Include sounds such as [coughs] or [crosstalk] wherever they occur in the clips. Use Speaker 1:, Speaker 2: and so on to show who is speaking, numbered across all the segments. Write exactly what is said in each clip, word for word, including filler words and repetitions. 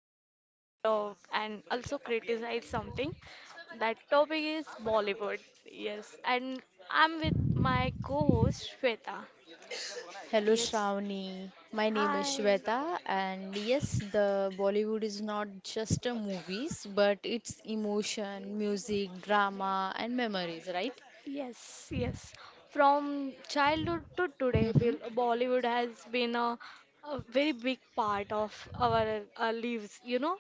Speaker 1: we all love and also criticize something. That topic is Bollywood. Yes. And I'm with my co-host Shweta.
Speaker 2: Hello
Speaker 1: Yes.
Speaker 2: Shravani, my name is
Speaker 1: Hi.
Speaker 2: Shweta and yes the Bollywood is not just a movies but it's emotion, music, drama and memories, right?
Speaker 1: Yes, yes. From childhood to today,
Speaker 2: Hmm.
Speaker 1: Bel- Bollywood has been a, a very big part of our uh, lives, you know.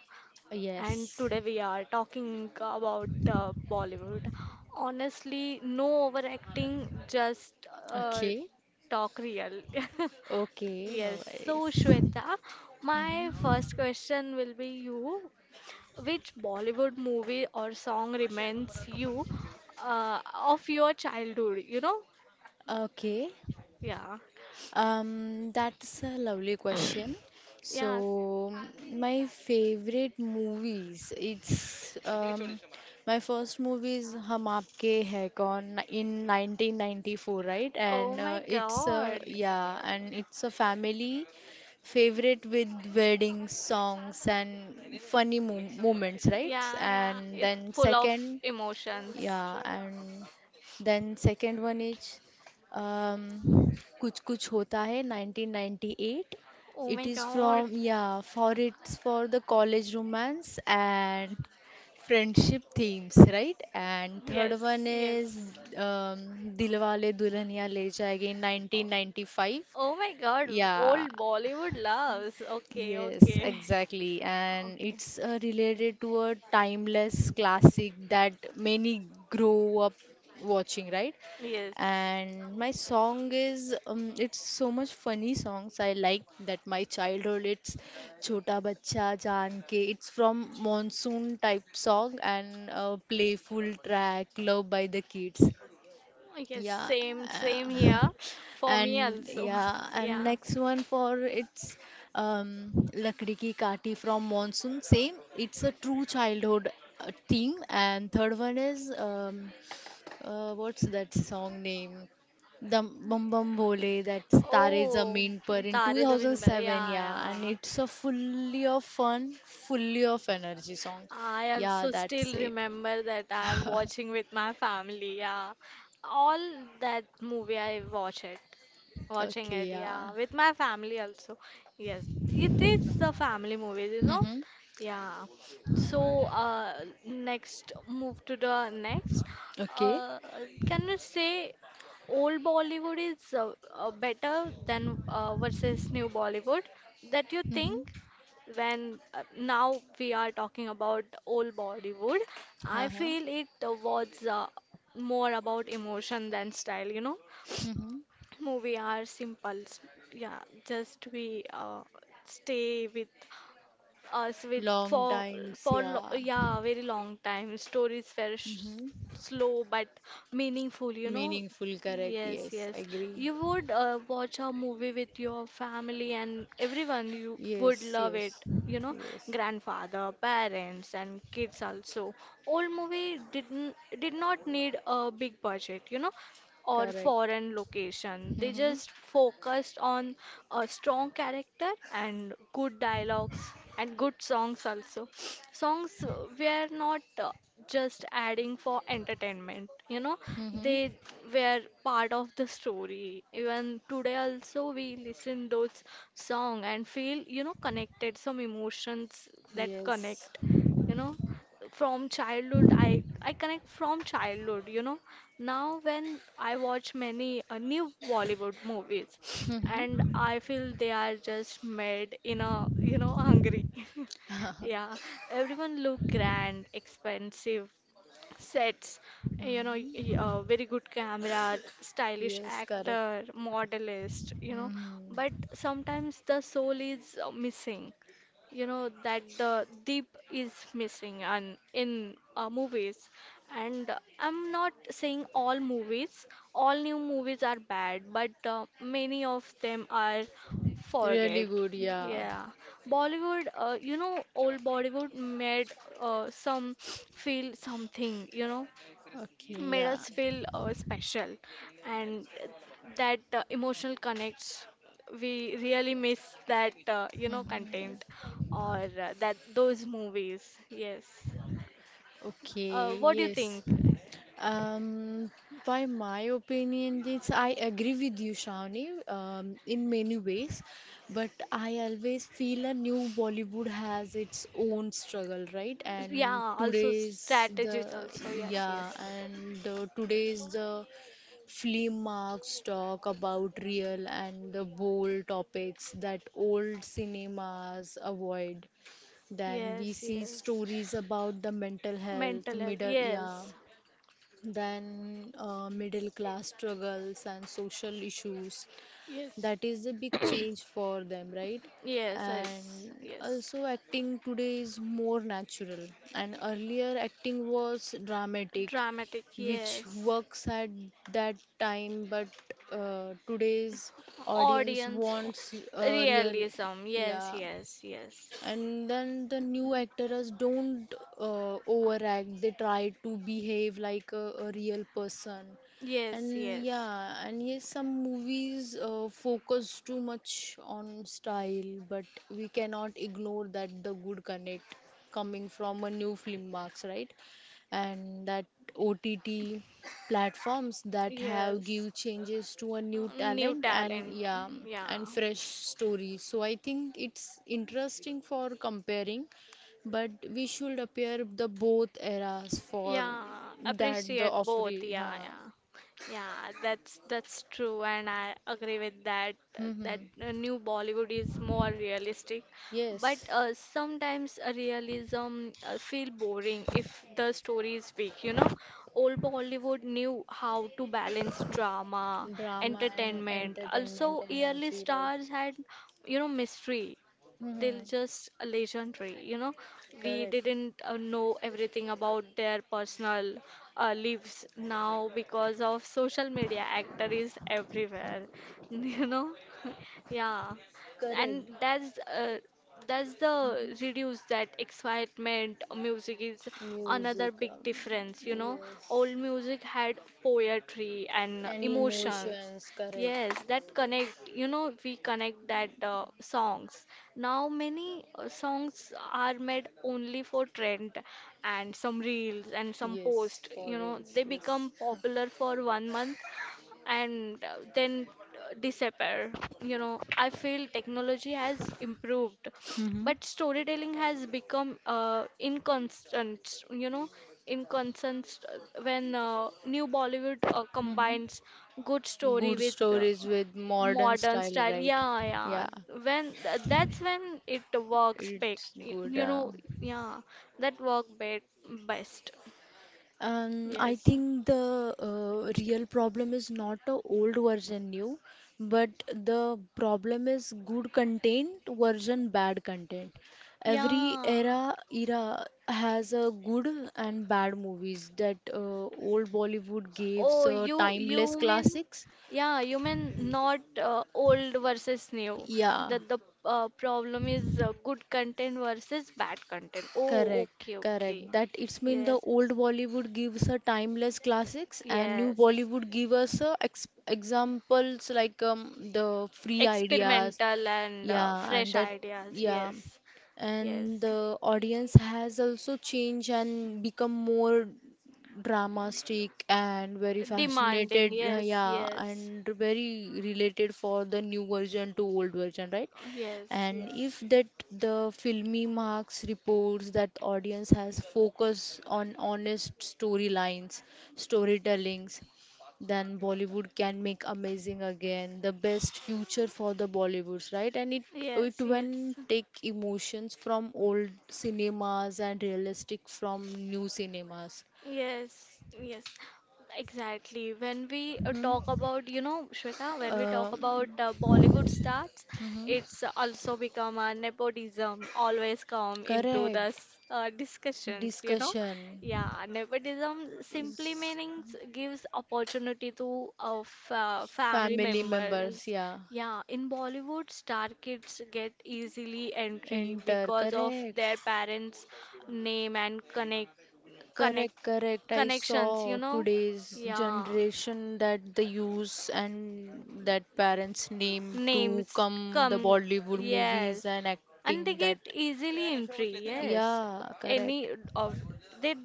Speaker 1: And
Speaker 2: Yes.
Speaker 1: today we are talking about the Bollywood. Honestly, no overacting, just uh,
Speaker 2: Okay.
Speaker 1: talk real. [laughs]
Speaker 2: Okay, no
Speaker 1: Yes, so
Speaker 2: worries.
Speaker 1: Shweta, my
Speaker 2: Hmm.
Speaker 1: first question will be you. Which Bollywood movie or song reminds you uh, of your childhood, you know?
Speaker 2: Okay.
Speaker 1: Yeah,
Speaker 2: Um, that's a lovely question. So,
Speaker 1: yes.
Speaker 2: my favorite movies, it's um, my first movie is Hum Aapke Hai Kaun in nineteen ninety-four, right?
Speaker 1: Oh
Speaker 2: And
Speaker 1: my
Speaker 2: uh, it's a
Speaker 1: God.
Speaker 2: yeah, and it's a family favorite with wedding songs and funny mo moments, right?
Speaker 1: Yeah, yeah.
Speaker 2: And
Speaker 1: It's
Speaker 2: then
Speaker 1: full of
Speaker 2: second.
Speaker 1: emotions.
Speaker 2: Yeah, and then second one is um, Kuch Kuch Hota Hai nineteen ninety-eight.
Speaker 1: Oh
Speaker 2: It
Speaker 1: my
Speaker 2: is
Speaker 1: God.
Speaker 2: from, yeah, for it's for the college romance and friendship themes, right? And third one
Speaker 1: Yes,
Speaker 2: is
Speaker 1: yes.
Speaker 2: um, Dilwale Dulhaniya Le Jayenge nineteen ninety-five.
Speaker 1: Oh my God, old
Speaker 2: Yeah.
Speaker 1: Bollywood loves. Okay,
Speaker 2: Yes,
Speaker 1: okay.
Speaker 2: exactly. And
Speaker 1: Okay.
Speaker 2: it's uh, related to a timeless classic that many grow up watching, right?
Speaker 1: Yes.
Speaker 2: And my song is, um, it's so much funny songs I like that my childhood, it's Chota Bachcha Jaan Ke. It's from monsoon type song and a playful track loved by the kids.
Speaker 1: Yes,
Speaker 2: Yeah.
Speaker 1: same, same
Speaker 2: uh, [laughs]
Speaker 1: here. For me
Speaker 2: and
Speaker 1: also.
Speaker 2: yeah,
Speaker 1: [laughs]
Speaker 2: and
Speaker 1: Yeah.
Speaker 2: next one for it's um, Lakdi Ki Kati from Monsoon. Same, it's a true childhood uh, theme. And third one is um, uh, what's that song name? The Bum Bum Bole, that's Tare
Speaker 1: Oh,
Speaker 2: Zameen Par in
Speaker 1: Tare Zameen Par.
Speaker 2: two thousand seven.
Speaker 1: Yeah,
Speaker 2: Yeah, and
Speaker 1: yeah.
Speaker 2: it's a fully of fun, fully of energy song.
Speaker 1: I
Speaker 2: Yeah,
Speaker 1: also
Speaker 2: that's
Speaker 1: still
Speaker 2: it.
Speaker 1: remember that I am watching with my family. Yeah, all that movie I watch it, watching
Speaker 2: Okay,
Speaker 1: it.
Speaker 2: yeah.
Speaker 1: Yeah, with my family also. Yes, it is the family movie, you know.
Speaker 2: Mm-hmm.
Speaker 1: Yeah. So uh, next move to the next.
Speaker 2: Okay.
Speaker 1: Uh, can you say old Bollywood is uh, uh, better than uh, versus new Bollywood? That you think?
Speaker 2: Mm-hmm.
Speaker 1: when uh, now we are talking about old Bollywood, I
Speaker 2: Uh-huh.
Speaker 1: feel it uh, was uh, more about emotion than style, you know.
Speaker 2: Mm-hmm.
Speaker 1: Movie are simple, s- yeah, just we uh, stay with us with
Speaker 2: Long
Speaker 1: for
Speaker 2: times,
Speaker 1: for lo
Speaker 2: yeah.
Speaker 1: yeah, very long time. Stories were
Speaker 2: Mm-hmm.
Speaker 1: sh slow but meaningful, you know.
Speaker 2: Meaningful, correct.
Speaker 1: Yes,
Speaker 2: Yes,
Speaker 1: yes.
Speaker 2: agree.
Speaker 1: You would uh, watch a movie with your family and everyone. You would
Speaker 2: Yes,
Speaker 1: love it.
Speaker 2: yes,
Speaker 1: You know,
Speaker 2: yes,
Speaker 1: grandfather, parents, and kids also. Old movie didn't did not need a big budget. You know, or
Speaker 2: correct.
Speaker 1: foreign location. They
Speaker 2: Mm-hmm.
Speaker 1: just focused on a strong character and good dialogues and good songs also. [sniffs] Songs uh, were not. uh, just adding for entertainment, you know.
Speaker 2: Mm-hmm.
Speaker 1: They were part of the story. Even today also we listen those song and feel, you know, connected some emotions that
Speaker 2: Yes.
Speaker 1: connect, you know, from childhood. I i connect from childhood, you know. Now when I watch many uh, new Bollywood movies [sniffs] and
Speaker 2: Mm-hmm.
Speaker 1: I feel they are just made in a you know hungry [laughs]
Speaker 2: [laughs]
Speaker 1: Yeah, everyone look grand, expensive sets, you know,
Speaker 2: Mm,
Speaker 1: y- uh, very good camera, stylish
Speaker 2: yes, correct.
Speaker 1: actor, modelist, you know, but
Speaker 2: Mm-hmm.
Speaker 1: sometimes the soul is uh, missing, you know, that the deep is missing and in uh, movies. And uh, I'm not saying all movies, all new movies are bad, but uh, many of them are
Speaker 2: Really
Speaker 1: forget.
Speaker 2: good, yeah.
Speaker 1: Yeah, Bollywood, uh, you know old Bollywood made uh, some feel something you know
Speaker 2: Okay,
Speaker 1: Made
Speaker 2: yeah.
Speaker 1: us feel uh, special, and that uh, emotional connects we really miss, that uh, you know, content
Speaker 2: Mm-hmm.
Speaker 1: or uh, that those movies, yes. Uh,
Speaker 2: Okay,
Speaker 1: what do you
Speaker 2: yes.
Speaker 1: think?
Speaker 2: Um, by my opinion, yes, I agree with you, Shawnee. Um, in many ways, but I always feel a new Bollywood has its own struggle, right? And
Speaker 1: Yeah, also
Speaker 2: today's the
Speaker 1: strategies also, yes,
Speaker 2: yeah,
Speaker 1: yes.
Speaker 2: and uh, today's the film marks talk about real and the bold topics that old cinemas avoid. Then we
Speaker 1: Yes,
Speaker 2: see
Speaker 1: yes,
Speaker 2: stories about the mental health,
Speaker 1: mental health,
Speaker 2: middle,
Speaker 1: yes,
Speaker 2: yeah, than uh, middle class struggles and social issues.
Speaker 1: yes.
Speaker 2: That is a big
Speaker 1: [coughs]
Speaker 2: change
Speaker 1: [clears throat]
Speaker 2: for them, right?
Speaker 1: Yes, yes,
Speaker 2: And
Speaker 1: yes,
Speaker 2: also, acting today is more natural. And earlier, acting was dramatic,
Speaker 1: dramatic,
Speaker 2: which
Speaker 1: yes.
Speaker 2: works at that time. But uh, today's audience
Speaker 1: Audience, oh,
Speaker 2: wants uh, real,
Speaker 1: realism, yes,
Speaker 2: yeah,
Speaker 1: yes, yes.
Speaker 2: and then the new actors don't uh, overact. They try to behave like a, a real person.
Speaker 1: Yes,
Speaker 2: And
Speaker 1: yes,
Speaker 2: yeah, and yes, some movies uh, focus too much on style, but we cannot ignore that the good connect coming from a new film marks, right? And that O T T platforms that have
Speaker 1: yes.
Speaker 2: give changes to a new
Speaker 1: New
Speaker 2: talent, and
Speaker 1: talent.
Speaker 2: yeah,
Speaker 1: Yeah,
Speaker 2: and fresh stories. So I think it's interesting for comparing, but we should appear the both eras for
Speaker 1: yeah.
Speaker 2: that the
Speaker 1: Appreciate both.
Speaker 2: offering,
Speaker 1: Yeah,
Speaker 2: huh.
Speaker 1: yeah, yeah. That's that's true, and I agree with that. uh, That
Speaker 2: Hmm.
Speaker 1: uh, new Bollywood is more realistic, but
Speaker 2: Yes,
Speaker 1: uh, sometimes uh, realism uh, feel boring if the story is weak. You know, old Bollywood knew how to balance drama,
Speaker 2: drama and
Speaker 1: entertainment.
Speaker 2: entertainment
Speaker 1: Also, early
Speaker 2: energy, right?
Speaker 1: stars had, you know, mystery. They're
Speaker 2: Hmm.
Speaker 1: just legendary, you know. We
Speaker 2: Correct,
Speaker 1: didn't uh, know everything about their personal uh, lives. Now because of social media, actor is everywhere. [laughs] You know. [laughs] Yeah. And
Speaker 2: correct.
Speaker 1: that's uh, that's the reduce that excitement. Music is another
Speaker 2: Music.
Speaker 1: big
Speaker 2: Um,
Speaker 1: difference, you know.
Speaker 2: yes,
Speaker 1: Old music had poetry and
Speaker 2: and
Speaker 1: emotions.
Speaker 2: emotions,
Speaker 1: Yes,
Speaker 2: correct.
Speaker 1: that connect, you know, we connect that uh, songs. Now many uh, songs are made only for trend and some reels and some
Speaker 2: Yes,
Speaker 1: post, you
Speaker 2: for
Speaker 1: know,
Speaker 2: reals.
Speaker 1: they become
Speaker 2: Yes. [laughs]
Speaker 1: popular for one month and uh, then uh, disappear you know i feel technology has improved,
Speaker 2: Mm-hmm.
Speaker 1: but storytelling has become uh, inconstant you know inconstant uh, when uh, new Bollywood uh,
Speaker 2: Mm-hmm.
Speaker 1: combines good story
Speaker 2: Good
Speaker 1: with uh,
Speaker 2: stories with modern
Speaker 1: modern
Speaker 2: style,
Speaker 1: style,
Speaker 2: right?
Speaker 1: yeah,
Speaker 2: Yeah,
Speaker 1: yeah. When th- that's when it works
Speaker 2: it's
Speaker 1: best, y-
Speaker 2: good.
Speaker 1: you know.
Speaker 2: Uh,
Speaker 1: Yeah, that work be- best.
Speaker 2: Um, I
Speaker 1: Yes.
Speaker 2: think the uh, real problem is not a old version new, but the problem is good content version bad content. Every
Speaker 1: Yeah.
Speaker 2: era era has a good and bad movies that uh, old Bollywood gives
Speaker 1: Oh,
Speaker 2: uh,
Speaker 1: you
Speaker 2: timeless
Speaker 1: you mean,
Speaker 2: classics.
Speaker 1: yeah, you mean not uh, old versus new.
Speaker 2: Yeah.
Speaker 1: That the uh, problem is uh, good content versus bad content. Oh,
Speaker 2: Correct,
Speaker 1: okay, okay.
Speaker 2: correct. That it's mean the
Speaker 1: Yes,
Speaker 2: old Bollywood gives a timeless classics and new
Speaker 1: yes.
Speaker 2: Bollywood give us a ex examples like um, the free ideas.
Speaker 1: Experimental and uh,
Speaker 2: Yeah, and
Speaker 1: fresh
Speaker 2: that
Speaker 1: ideas.
Speaker 2: yeah.
Speaker 1: Yes,
Speaker 2: And
Speaker 1: yes.
Speaker 2: the audience has also changed and become more dramatic and very
Speaker 1: Demanding.
Speaker 2: fascinated, uh,
Speaker 1: Yes,
Speaker 2: yeah,
Speaker 1: yes.
Speaker 2: and very related for the new version to old version, right?
Speaker 1: Yes,
Speaker 2: And
Speaker 1: yes.
Speaker 2: if that the filmy marks reports that audience has focus on honest storylines storytellings, then bollywood can make amazing again the best future for the bollywoods, right? And it it
Speaker 1: Yes,
Speaker 2: when
Speaker 1: yes.
Speaker 2: take emotions from old cinemas and realistic from new cinemas.
Speaker 1: Yes, yes, exactly. When we uh, talk
Speaker 2: Hmm.
Speaker 1: about, you know, Shweta, when we talk about
Speaker 2: um,
Speaker 1: uh, Bollywood stars,
Speaker 2: mhm.
Speaker 1: it's also become a nepotism always come into the
Speaker 2: Correct,
Speaker 1: s- uh, discussions, you know.
Speaker 2: discussion
Speaker 1: Yeah, nepotism simply
Speaker 2: is
Speaker 1: meanings gives opportunity to uh, f uh, family
Speaker 2: family
Speaker 1: members.
Speaker 2: members, yeah.
Speaker 1: Yeah, in Bollywood, star kids get easily entry
Speaker 2: Enter,
Speaker 1: because of
Speaker 2: correct,
Speaker 1: their parents' name and connect connect
Speaker 2: correct, correct. I
Speaker 1: connections, you
Speaker 2: saw
Speaker 1: know?
Speaker 2: today's
Speaker 1: Yeah.
Speaker 2: generation that they use and that parents' name to
Speaker 1: Names
Speaker 2: come the
Speaker 1: come,
Speaker 2: Bollywood movies
Speaker 1: yes.
Speaker 2: and
Speaker 1: And they
Speaker 2: acting that.
Speaker 1: get easily entry, yes.
Speaker 2: Yeah, correct.
Speaker 1: Any of they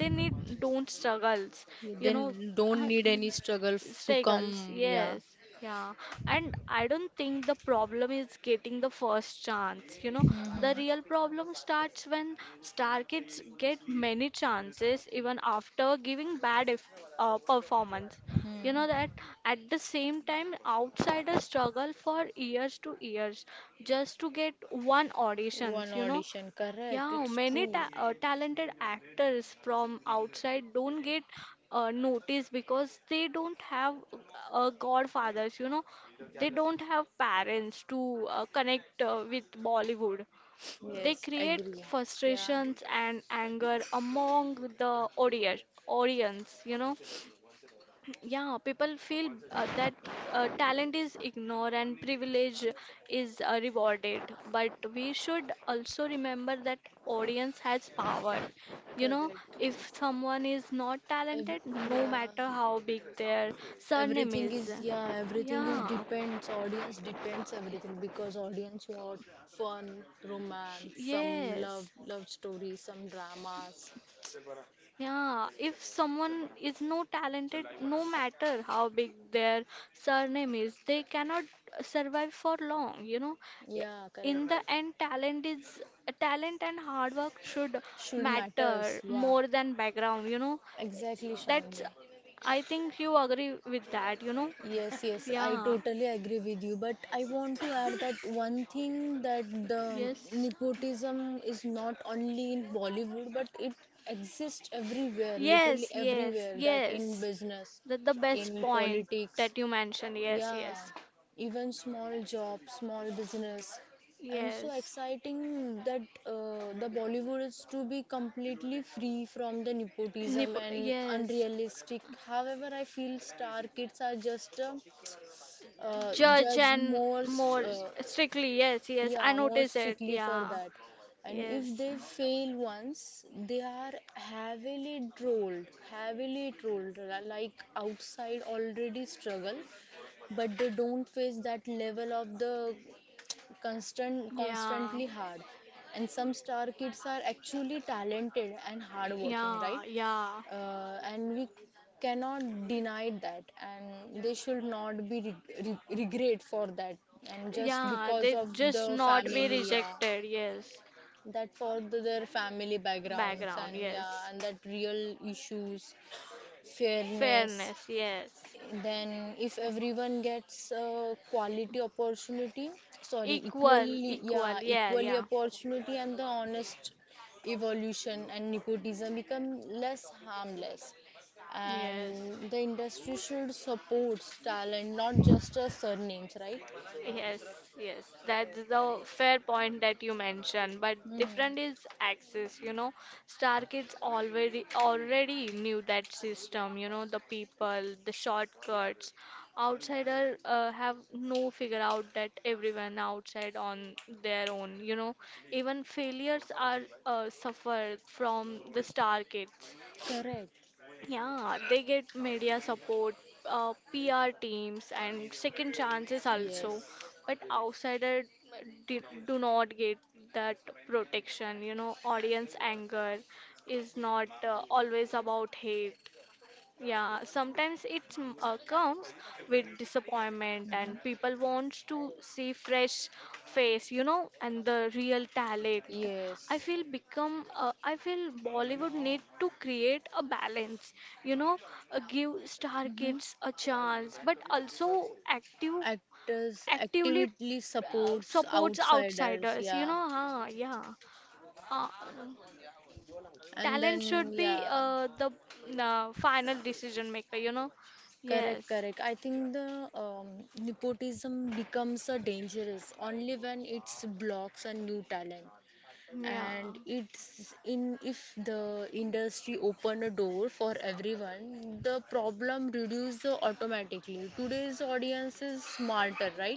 Speaker 1: they need don't struggles,
Speaker 2: Yeah,
Speaker 1: you know.
Speaker 2: then don't
Speaker 1: uh,
Speaker 2: need any struggle f- to
Speaker 1: Struggles,
Speaker 2: come. Yeah.
Speaker 1: yes. Yeah, and I don't think the problem is getting the first chance. You know, the
Speaker 2: Mm-hmm.
Speaker 1: real problem starts when star kids get many chances even after giving bad if, uh, performance. You
Speaker 2: Hmm.
Speaker 1: know that at the same time, outsiders struggle for years to years just to get one
Speaker 2: One
Speaker 1: auditions. You know,
Speaker 2: audition, correct.
Speaker 1: yeah,
Speaker 2: It's
Speaker 1: many ta
Speaker 2: true.
Speaker 1: uh, talented actors from outside don't get uh, noticed because they don't have uh, godfathers. You know, they don't have parents to uh, connect uh, with Bollywood. They
Speaker 2: Yes,
Speaker 1: create
Speaker 2: agree. Yeah,
Speaker 1: frustrations and anger among the audience. Audience, you know. Yeah, people feel uh, that uh, talent is ignored and privilege is uh, rewarded. But we should also remember that audience has power. You know,
Speaker 2: correct.
Speaker 1: if someone is not
Speaker 2: Every,
Speaker 1: talented, no
Speaker 2: yeah.
Speaker 1: matter how big their surname
Speaker 2: everything
Speaker 1: is.
Speaker 2: is Yeah, everything is
Speaker 1: Yeah.
Speaker 2: depends audience, depends everything, because audience want fun, romance, some love
Speaker 1: Yes.
Speaker 2: love story, some dramas.
Speaker 1: Yeah, if someone is no talented, no matter how big their surname is, they cannot survive for long, you know. I-
Speaker 2: Yeah,
Speaker 1: In
Speaker 2: correct.
Speaker 1: the end, talent is talent and hard work should
Speaker 2: Should matters,
Speaker 1: matter
Speaker 2: yeah.
Speaker 1: more than background, you know.
Speaker 2: Exactly, Shamini.
Speaker 1: That's, I think you agree with that, you know.
Speaker 2: Yes, yes, I
Speaker 1: Yeah,
Speaker 2: totally agree with you. But I want to add that one thing that the
Speaker 1: yes,
Speaker 2: nepotism is not only in Bollywood, but it exists everywhere, literally
Speaker 1: yes, yes,
Speaker 2: everywhere. That in
Speaker 1: yes.
Speaker 2: business,
Speaker 1: That the best
Speaker 2: in
Speaker 1: point
Speaker 2: politics,
Speaker 1: that you mentioned. Yes,
Speaker 2: yeah,
Speaker 1: yes,
Speaker 2: even small job, small business, and so
Speaker 1: yes.
Speaker 2: exciting that uh, the Bollywood is to be completely free from the nepotism
Speaker 1: Nipur,
Speaker 2: and
Speaker 1: yes.
Speaker 2: unrealistic. However, I feel star kids are just uh, uh,
Speaker 1: Judge
Speaker 2: judged
Speaker 1: and
Speaker 2: more, st-
Speaker 1: more
Speaker 2: uh,
Speaker 1: strictly, yes, yes. I
Speaker 2: yeah, more
Speaker 1: notice it.
Speaker 2: strictly for
Speaker 1: Yeah,
Speaker 2: that. And if
Speaker 1: yes,
Speaker 2: they fail once, they are heavily trolled, heavily trolled, like outside already struggle, but they don't face that level of the constant
Speaker 1: yeah,
Speaker 2: constantly hard. And some star kids are actually talented and hardworking, right?
Speaker 1: yeah, yeah,
Speaker 2: Uh, and we cannot deny that, and they should not be reg- re- regret for that, and just
Speaker 1: yeah.
Speaker 2: because
Speaker 1: They
Speaker 2: of the
Speaker 1: just not be
Speaker 2: family, yeah.
Speaker 1: rejected. Yes,
Speaker 2: That for the, their family backgrounds,
Speaker 1: background.
Speaker 2: and yeah,
Speaker 1: Yes,
Speaker 2: and that real issues, fairness.
Speaker 1: fairness. Yes,
Speaker 2: Then if everyone gets uh, quality opportunity, sorry,
Speaker 1: equal,
Speaker 2: equally,
Speaker 1: equal.
Speaker 2: yeah,
Speaker 1: Yeah,
Speaker 2: equally
Speaker 1: yeah,
Speaker 2: opportunity and the honest evolution and nepotism become less harmless,
Speaker 1: yes.
Speaker 2: and the industry should support talent, not just uh, surnames, right?
Speaker 1: Yes, yes, that's the fair point that you mentioned. But
Speaker 2: Hmm.
Speaker 1: different is access, you know. Star Kids already already knew that system, you know, the people, the shortcuts. Outsider uh, have no figure out that everyone outside on their own, you know. Even failures are uh, suffer from the Star Kids.
Speaker 2: Correct.
Speaker 1: Yeah, they get media support, uh, P R teams, and second chances also.
Speaker 2: Yes.
Speaker 1: But outsiders do, do not get that protection. You know, audience anger is not uh, always about hate. Yeah, sometimes it mm, uh, comes with disappointment, and
Speaker 2: Mm-hmm.
Speaker 1: people wants to see fresh face, you know, and the real talent. I
Speaker 2: Yes.
Speaker 1: feel become, uh, I feel Bollywood need to create a balance, you know, uh, give star
Speaker 2: Mm-hmm.
Speaker 1: kids a chance, but also active,
Speaker 2: Actors
Speaker 1: actively
Speaker 2: actively
Speaker 1: uh,
Speaker 2: supports
Speaker 1: supports
Speaker 2: outsiders,
Speaker 1: outsiders, you
Speaker 2: yeah.
Speaker 1: know. Huh, yeah. Uh,
Speaker 2: And
Speaker 1: Talent
Speaker 2: then,
Speaker 1: should be
Speaker 2: yeah.
Speaker 1: uh, the uh, final decision maker, you know?
Speaker 2: Correct,
Speaker 1: Yes.
Speaker 2: correct. I think the um, nepotism becomes a dangerous only when it blocks a new talent,
Speaker 1: Yeah.
Speaker 2: and it's in if the industry open a door for everyone, the problem reduces automatically. Today's audience is smarter, right?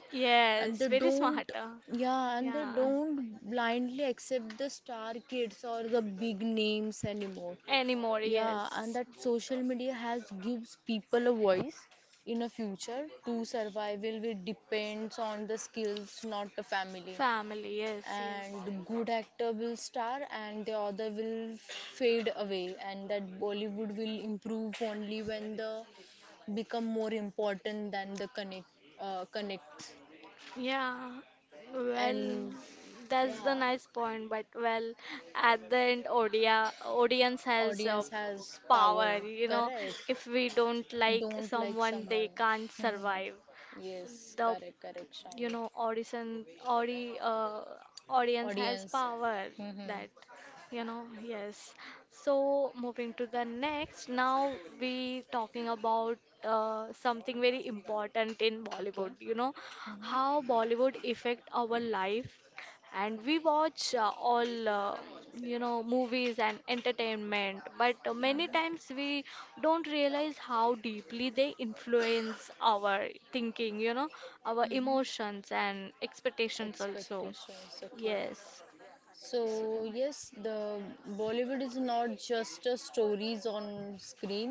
Speaker 2: And they
Speaker 1: Yes. Very
Speaker 2: don't,
Speaker 1: smart. uh,
Speaker 2: yeah, and they
Speaker 1: Yeah.
Speaker 2: don't blindly accept the star kids or the big names anymore.
Speaker 1: Anymore,
Speaker 2: Yeah, and
Speaker 1: yes.
Speaker 2: that social media has gives people a voice in a future to survive will be depends on the skills, not the family.
Speaker 1: Family, yes, yes.
Speaker 2: And good actor will star and the other will fade away, and that Bollywood will improve only when the become more important than the connect uh, connects,
Speaker 1: Yeah, well,
Speaker 2: and
Speaker 1: that's
Speaker 2: yeah,
Speaker 1: the nice point, but well, at the end, audia, audience has
Speaker 2: audience
Speaker 1: uh,
Speaker 2: has power,
Speaker 1: power, you know.
Speaker 2: correct.
Speaker 1: If we don't like
Speaker 2: Don't like
Speaker 1: someone,
Speaker 2: someone.
Speaker 1: they can't
Speaker 2: [laughs] Mhm.
Speaker 1: survive.
Speaker 2: Yes,
Speaker 1: The
Speaker 2: correct, correct,
Speaker 1: you
Speaker 2: Shiny.
Speaker 1: know audition audi uh, audience has
Speaker 2: Audience.
Speaker 1: power
Speaker 2: Hmm.
Speaker 1: that, you know yes. So moving to the next now, we talking about uh, something very important in
Speaker 2: Okay.
Speaker 1: Bollywood, you know,
Speaker 2: Hmm.
Speaker 1: how Bollywood affect our life. And we watch uh, all, uh, you know movies and entertainment, but uh, many
Speaker 2: Hmm.
Speaker 1: times we don't realize how deeply they influence our thinking, you know, our
Speaker 2: Hmm.
Speaker 1: emotions and expectations also,
Speaker 2: Expectations. Okay.
Speaker 1: yes.
Speaker 2: So
Speaker 1: So,
Speaker 2: yes, the Bollywood is not just a stories on screen,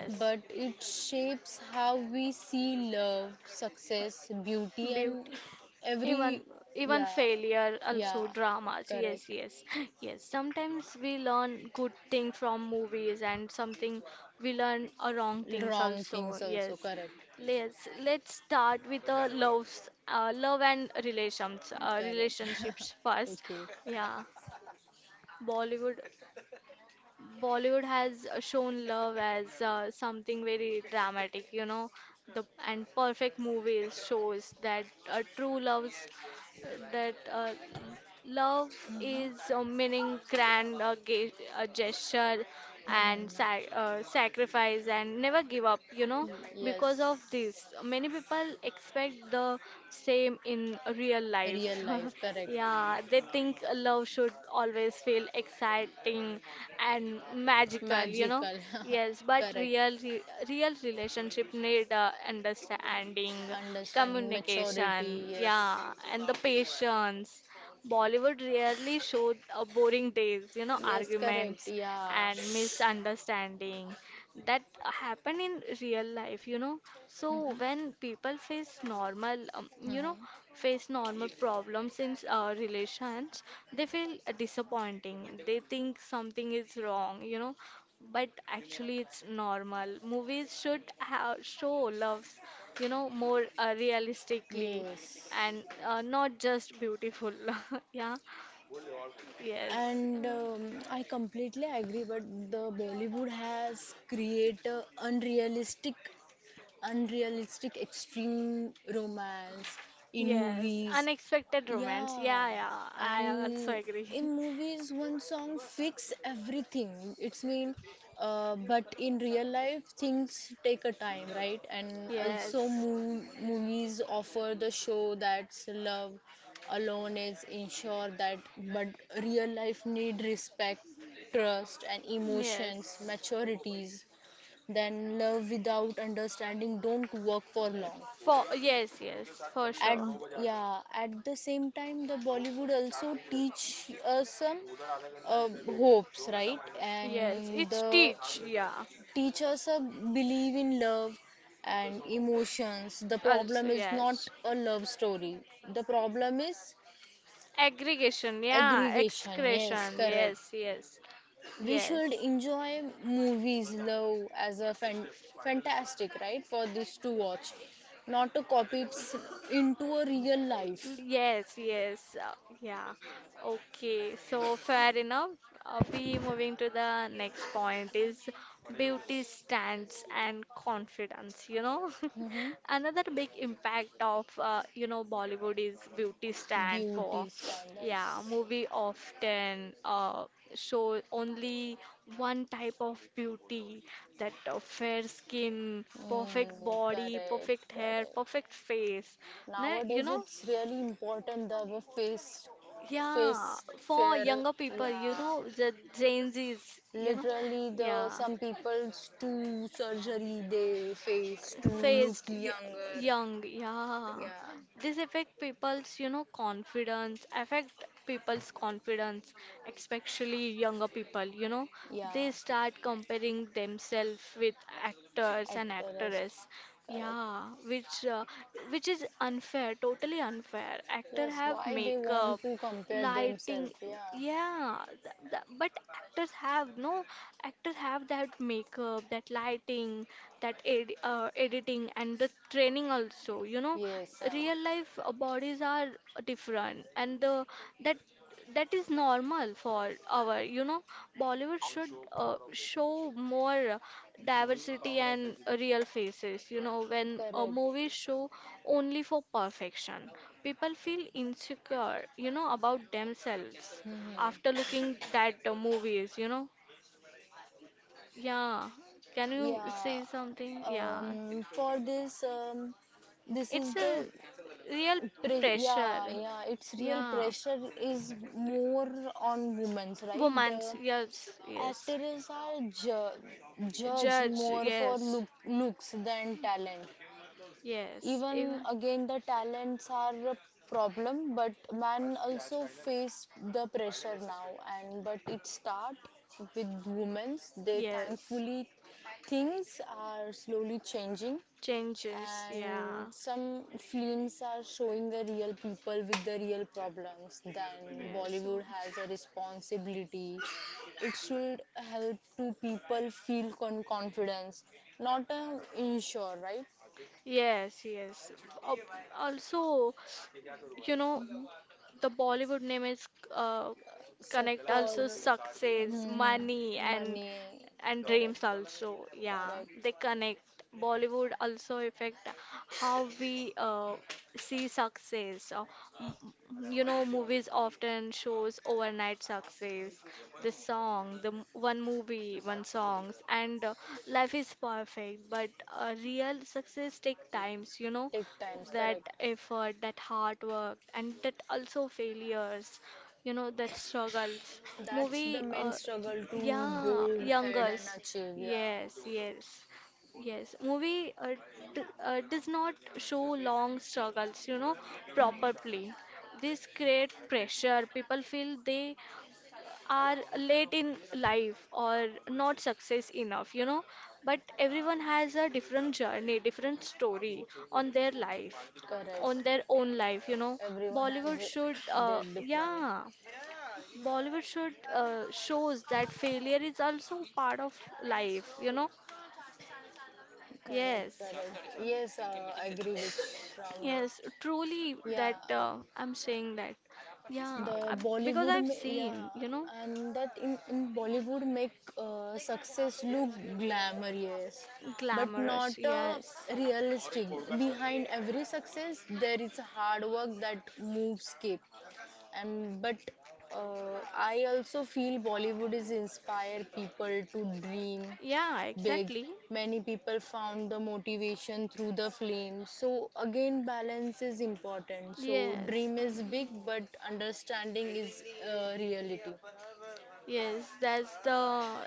Speaker 2: but it shapes how we see love, success, beauty, and
Speaker 1: Beauty.
Speaker 2: every
Speaker 1: Even
Speaker 2: yeah,
Speaker 1: even failure,
Speaker 2: yeah,
Speaker 1: also dramas. Yes,
Speaker 2: correct.
Speaker 1: yes, yes. Sometimes we learn good thing from movies, and something we learn a wrong things
Speaker 2: Wrong things
Speaker 1: also.
Speaker 2: also,
Speaker 1: Yes.
Speaker 2: correct.
Speaker 1: yes. let's start with the loves, uh, love and relations, uh,
Speaker 2: Correct. [laughs]
Speaker 1: relationships first.
Speaker 2: Okay.
Speaker 1: Yeah, Bollywood. Bollywood has uh, shown love as uh, something very dramatic, you know, the and perfect movies shows that uh, true loves, that uh, love
Speaker 2: Hmm.
Speaker 1: is a meaning, grand uh, ga- uh, gesture, and
Speaker 2: Hmm.
Speaker 1: sac- uh, sacrifice, and never give up. You know,
Speaker 2: [laughs]
Speaker 1: because
Speaker 2: Yes.
Speaker 1: of this, many people expect the same in real
Speaker 2: Real
Speaker 1: life.
Speaker 2: life.
Speaker 1: [laughs]
Speaker 2: Correct.
Speaker 1: Yeah, they think love should always feel exciting and magical. You know,
Speaker 2: Magical.
Speaker 1: yes,
Speaker 2: [laughs]
Speaker 1: but
Speaker 2: Correct.
Speaker 1: real re- real relationship need uh, understanding,
Speaker 2: Understanding. Maturity.
Speaker 1: communication,
Speaker 2: Yes.
Speaker 1: yeah, and the patience. Bollywood rarely show uh, boring days, you know,
Speaker 2: Yes. Correct.
Speaker 1: arguments
Speaker 2: Yeah.
Speaker 1: and misunderstanding that happen in real life, you know.
Speaker 2: Hmm.
Speaker 1: So when people face normal, um, you know,
Speaker 2: Hmm.
Speaker 1: face normal problems in uh, relations, they feel disappointing. They think something is wrong, you know but actually it's normal. Movies should have show loves you know more uh, realistically
Speaker 2: Yes.
Speaker 1: and uh, not just beautiful. [laughs] Yeah, yes.
Speaker 2: And
Speaker 1: Mm.
Speaker 2: um, I completely agree, but the Bollywood has create a unrealistic unrealistic extreme romance in
Speaker 1: Yes,
Speaker 2: movies.
Speaker 1: unexpected romance,
Speaker 2: Yeah,
Speaker 1: yeah, yeah, I
Speaker 2: and
Speaker 1: also agree.
Speaker 2: in movies, one song fix everything. It's mean, uh, but in real life, things take a time, right? And
Speaker 1: [laughs]
Speaker 2: also,
Speaker 1: Yes,
Speaker 2: mov- movies offer the show that's love alone is ensure that, but real life need respect, trust, and emotions,
Speaker 1: yes,
Speaker 2: maturities. Then love without understanding don't work for long.
Speaker 1: for, yes, yes, for sure,
Speaker 2: At Yeah, at the same time, the bollywood also teach us some uh, hopes, right?
Speaker 1: yes.
Speaker 2: And
Speaker 1: It's
Speaker 2: the
Speaker 1: teach, yeah,
Speaker 2: teach us a believe in love and emotions. The
Speaker 1: also,
Speaker 2: problem is
Speaker 1: yes.
Speaker 2: not a love story, the problem is
Speaker 1: Aggregation, yeah,
Speaker 2: aggregation, yes,
Speaker 1: excretion,
Speaker 2: correct.
Speaker 1: yes, yes.
Speaker 2: We
Speaker 1: Yes.
Speaker 2: should enjoy movies, love as a fan- fantastic, right, for this to watch, not to copy it s- into a real life.
Speaker 1: Yes, yes, uh, yeah. Okay, so fair enough. Uh, we moving to the next point is beauty stands and confidence, you know. [laughs]
Speaker 2: Hmm.
Speaker 1: Another big impact of uh, you know Bollywood is beauty stand for.
Speaker 2: Beauty
Speaker 1: [sniffs]
Speaker 2: standards.
Speaker 1: Yeah, movie often uh, show only one type of beauty, that uh, fair skin, perfect
Speaker 2: Mm,
Speaker 1: body,
Speaker 2: correct,
Speaker 1: perfect hair,
Speaker 2: correct.
Speaker 1: perfect face. Now, you
Speaker 2: Nowadays,
Speaker 1: know,
Speaker 2: it's really important that our face,
Speaker 1: yeah,
Speaker 2: face
Speaker 1: for
Speaker 2: fair.
Speaker 1: younger people, you
Speaker 2: Yeah,
Speaker 1: know, the Gen Zs, you know,
Speaker 2: literally, the
Speaker 1: yeah,
Speaker 2: some people's to surgery they face to look
Speaker 1: faced y-
Speaker 2: younger.
Speaker 1: young, yeah.
Speaker 2: Yeah,
Speaker 1: This affect people's, you know, confidence, affect people's confidence, especially younger people, you know. They
Speaker 2: yeah.
Speaker 1: start comparing themselves with actors and
Speaker 2: At the rest,
Speaker 1: actresses.
Speaker 2: correct.
Speaker 1: Yeah, which uh, which is unfair, totally unfair. Actor
Speaker 2: Yes,
Speaker 1: have
Speaker 2: why they
Speaker 1: makeup,
Speaker 2: want to compare
Speaker 1: lighting,
Speaker 2: themselves, yeah,
Speaker 1: yeah th th but actors have no actors have that makeup, that lighting, that ed uh, editing and the training also, you know.
Speaker 2: yes,
Speaker 1: Real
Speaker 2: um,
Speaker 1: life uh, bodies are different, and the that that is normal for our, you know. Bollywood should uh, show more diversity and real faces, you know. When a
Speaker 2: correct.
Speaker 1: movie show only for perfection, people feel insecure, you know, about themselves after looking
Speaker 2: Mhm.
Speaker 1: that uh, movies, you know. Yeah, can you say
Speaker 2: Yeah,
Speaker 1: something? Yeah,
Speaker 2: um, for this um, this
Speaker 1: it's
Speaker 2: is
Speaker 1: a
Speaker 2: the
Speaker 1: real
Speaker 2: pre- yeah,
Speaker 1: pressure,
Speaker 2: yeah, it's real
Speaker 1: yeah.
Speaker 2: pressure is more on women's, right? The
Speaker 1: Women's, yes, yes.
Speaker 2: actors are ju- judged
Speaker 1: Judge,
Speaker 2: more for
Speaker 1: yes.
Speaker 2: look- looks than talent.
Speaker 1: Yes,
Speaker 2: Even
Speaker 1: even
Speaker 2: again the talents are a problem, but man also face the pressure now, and but it start with women's. They
Speaker 1: yes,
Speaker 2: thankfully things are slowly changing,
Speaker 1: changes. Yeah,
Speaker 2: and some films are showing the real people with the real problems. Then
Speaker 1: yes,
Speaker 2: bollywood has a responsibility, it should help to people feel con- confidence, not um, ensure, right?
Speaker 1: yes, yes. Al- Also, you know, the Bollywood name is uh,
Speaker 2: So
Speaker 1: connect also
Speaker 2: for,
Speaker 1: success,
Speaker 2: hmm,
Speaker 1: money, and
Speaker 2: money,
Speaker 1: and dreams
Speaker 2: correct,
Speaker 1: also, yeah.
Speaker 2: correct.
Speaker 1: They connect. Bollywood also affect how we uh, see success. Uh, m- m- you know, movies often shows overnight success, the song, the m- one movie, one songs, and uh, life is perfect, but uh, real success take times, you know,
Speaker 2: Take times,
Speaker 1: that
Speaker 2: correct.
Speaker 1: effort, that hard work, and that also failures, you know, that struggles.
Speaker 2: That's
Speaker 1: Movie
Speaker 2: the
Speaker 1: uh,
Speaker 2: main struggle to
Speaker 1: Yeah,
Speaker 2: go
Speaker 1: young
Speaker 2: ahead
Speaker 1: girls.
Speaker 2: and achieve. Yeah.
Speaker 1: Yes, yes, yes. Movie uh, d uh, does not show long struggles, you know,
Speaker 2: Mhm.
Speaker 1: properly. This create pressure. People feel they are late in life, or not success enough, you know. But everyone has a different journey, different story on their life, on
Speaker 2: Correct.
Speaker 1: their own life, you know.
Speaker 2: Everyone
Speaker 1: Bollywood
Speaker 2: has
Speaker 1: should, uh,
Speaker 2: their different.
Speaker 1: yeah. Bollywood should uh, shows that failure is also part of life, you know?
Speaker 2: Correct,
Speaker 1: Yes,
Speaker 2: correct. Yes, uh, I agree with from
Speaker 1: yes, truly
Speaker 2: you.
Speaker 1: that
Speaker 2: Yeah.
Speaker 1: uh, I'm saying that. Yeah, I,
Speaker 2: The
Speaker 1: because
Speaker 2: Bollywood,
Speaker 1: I've
Speaker 2: ma- yeah,
Speaker 1: seen, you know,
Speaker 2: and that in, in Bollywood make uh, success look glamorous, but
Speaker 1: glamorous.
Speaker 2: not uh,
Speaker 1: Yes.
Speaker 2: realistic. Behind every success, there is hard work that moves keep. And but uh, I also feel Bollywood is inspire people to dream
Speaker 1: Yeah,
Speaker 2: big.
Speaker 1: exactly.
Speaker 2: Many people found the motivation through the film. So again, balance is important. So
Speaker 1: Yes.
Speaker 2: dream is
Speaker 1: mm,
Speaker 2: big, but understanding is uh, reality.
Speaker 1: Yes, that's the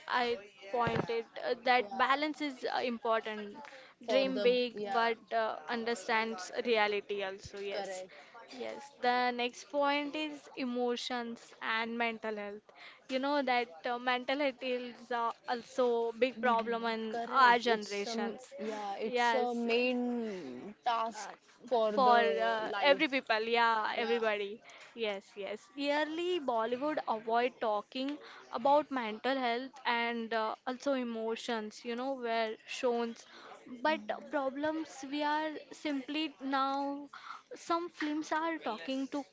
Speaker 1: I pointed uh,
Speaker 2: Yeah,
Speaker 1: that balance is uh, important.
Speaker 2: for
Speaker 1: Dream
Speaker 2: the
Speaker 1: big, but
Speaker 2: yeah,
Speaker 1: uh, understands reality also. Yes,
Speaker 2: correct.
Speaker 1: yes. The next point is emotions and mental health. You know that uh, mental health is uh, also big problem
Speaker 2: Mhm.
Speaker 1: in our
Speaker 2: Correct. It's some
Speaker 1: generations.
Speaker 2: Yeah. It's a
Speaker 1: Yes,
Speaker 2: main
Speaker 1: uh,
Speaker 2: task for
Speaker 1: for
Speaker 2: the
Speaker 1: uh, every
Speaker 2: life.
Speaker 1: people, yeah,
Speaker 2: Yeah.
Speaker 1: everybody, yes, yes. Yearly Bollywood avoid talking about mental health, and uh, also emotions, you know, were shown. But problems we are simply now, some films are talking to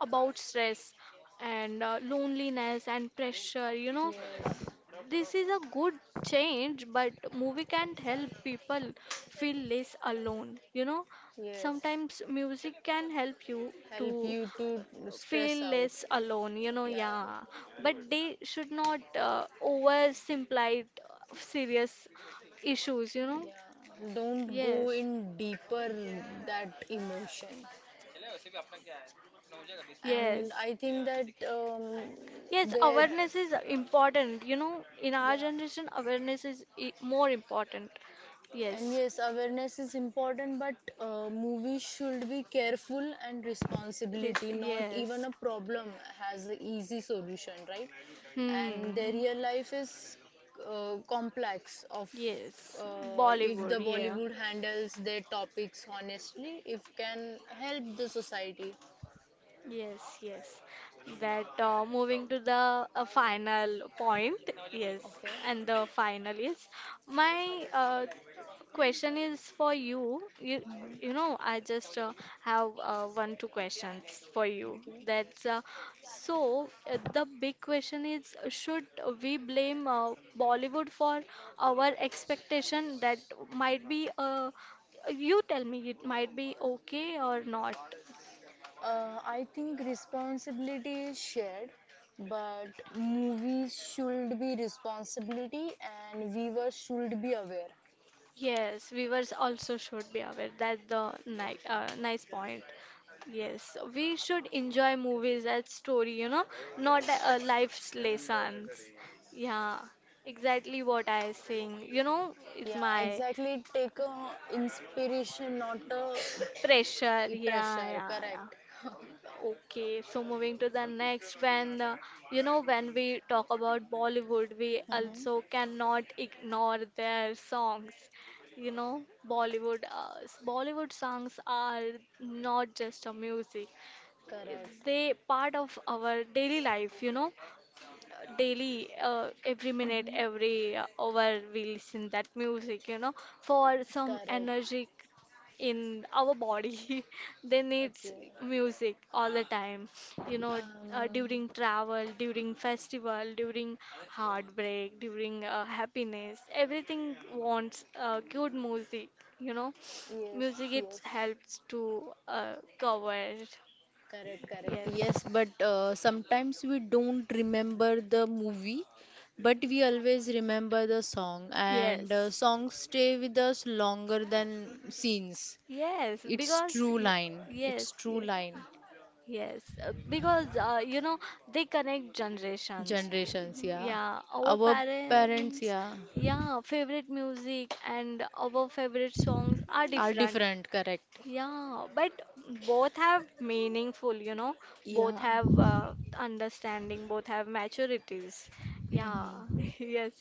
Speaker 1: about stress, and uh, loneliness and pressure, you know.
Speaker 2: Yes,
Speaker 1: This is a good change, but movie can help people feel less alone. You know,
Speaker 2: yes.
Speaker 1: sometimes music can help you
Speaker 2: Help
Speaker 1: to
Speaker 2: you to
Speaker 1: feel
Speaker 2: stress out.
Speaker 1: less alone. You know,
Speaker 2: Yeah,
Speaker 1: yeah, but they should not uh, oversimplify uh, serious issues. You know,
Speaker 2: yeah. Don't go
Speaker 1: yes,
Speaker 2: in deeper that emotion. And
Speaker 1: yes.
Speaker 2: I think that um,
Speaker 1: Yes,
Speaker 2: that
Speaker 1: awareness is important. You know, in our
Speaker 2: yeah.
Speaker 1: generation, awareness is i- more important.
Speaker 2: And
Speaker 1: Yes,
Speaker 2: yes, awareness is important, but uh, movies should be careful and
Speaker 1: Re-
Speaker 2: responsibility. Not
Speaker 1: yes.
Speaker 2: even a problem has an easy solution, right? And their
Speaker 1: Hmm.
Speaker 2: real life is uh, complex. Of
Speaker 1: Yes,
Speaker 2: uh, If the
Speaker 1: Bollywood, yeah.
Speaker 2: Bollywood handles their topics honestly, if can help the society.
Speaker 1: Yes, yes. That uh, moving to the uh, final point, yes,
Speaker 2: Okay.
Speaker 1: and the final is my uh, question is for you. You, you
Speaker 2: Mhm.
Speaker 1: know, I just uh, have uh, one two questions for you.
Speaker 2: Okay.
Speaker 1: That's uh, so uh, The big question is uh, should we blame uh, Bollywood for our expectation, that might be uh, you tell me it might be okay or not.
Speaker 2: Uh, I think responsibility is shared, but movies should be responsibility and viewers should be aware.
Speaker 1: Yes, viewers also should be aware. That's the nice, uh, nice point. Yes, we should enjoy movies as story, you know, not uh, life's lessons. Yeah, exactly what I saying. You know, it's
Speaker 2: Yeah,
Speaker 1: my
Speaker 2: exactly. Take a inspiration, not a
Speaker 1: pressure. Yeah,
Speaker 2: pressure.
Speaker 1: yeah, yeah.
Speaker 2: Correct. [laughs]
Speaker 1: Okay, so moving to the next, when uh, you know, when we talk about Bollywood, we
Speaker 2: hmm
Speaker 1: also cannot ignore their songs. You know, Bollywood, uh, s- Bollywood songs are not just a music;
Speaker 2: Correct.
Speaker 1: they part of our daily life. You know, daily, uh, every minute,
Speaker 2: hmm
Speaker 1: every uh, hour, we listen that music. You know, for some
Speaker 2: Correct.
Speaker 1: energy in our body. [laughs] They needs
Speaker 2: Okay.
Speaker 1: music all the time, you know, uh,
Speaker 2: Um,
Speaker 1: during travel, during festival, during heartbreak, during uh, happiness, everything wants uh, good music, you know.
Speaker 2: yes,
Speaker 1: Music it
Speaker 2: yes.
Speaker 1: helps to uh, cover,
Speaker 2: Correct, correct.
Speaker 1: yes,
Speaker 2: Yes, but uh, sometimes we don't remember the movie, but we always remember the song, and uh,
Speaker 1: yes,
Speaker 2: songs stay with us longer than scenes.
Speaker 1: yes
Speaker 2: It's
Speaker 1: because
Speaker 2: true
Speaker 1: y-
Speaker 2: line.
Speaker 1: yes,
Speaker 2: It's true
Speaker 1: yes.
Speaker 2: line.
Speaker 1: Yes, uh, because uh, you know, they connect generations.
Speaker 2: Generations,
Speaker 1: Y-
Speaker 2: yeah.
Speaker 1: Yeah, our
Speaker 2: Our parents,
Speaker 1: parents,
Speaker 2: yeah,
Speaker 1: yeah, favorite music and our favorite songs are
Speaker 2: are
Speaker 1: different.
Speaker 2: different, correct.
Speaker 1: Yeah, but both have meaningful, you know, both
Speaker 2: Yeah.
Speaker 1: have uh, understanding, both have maturities. Yeah,
Speaker 2: hmm
Speaker 1: [laughs] yes.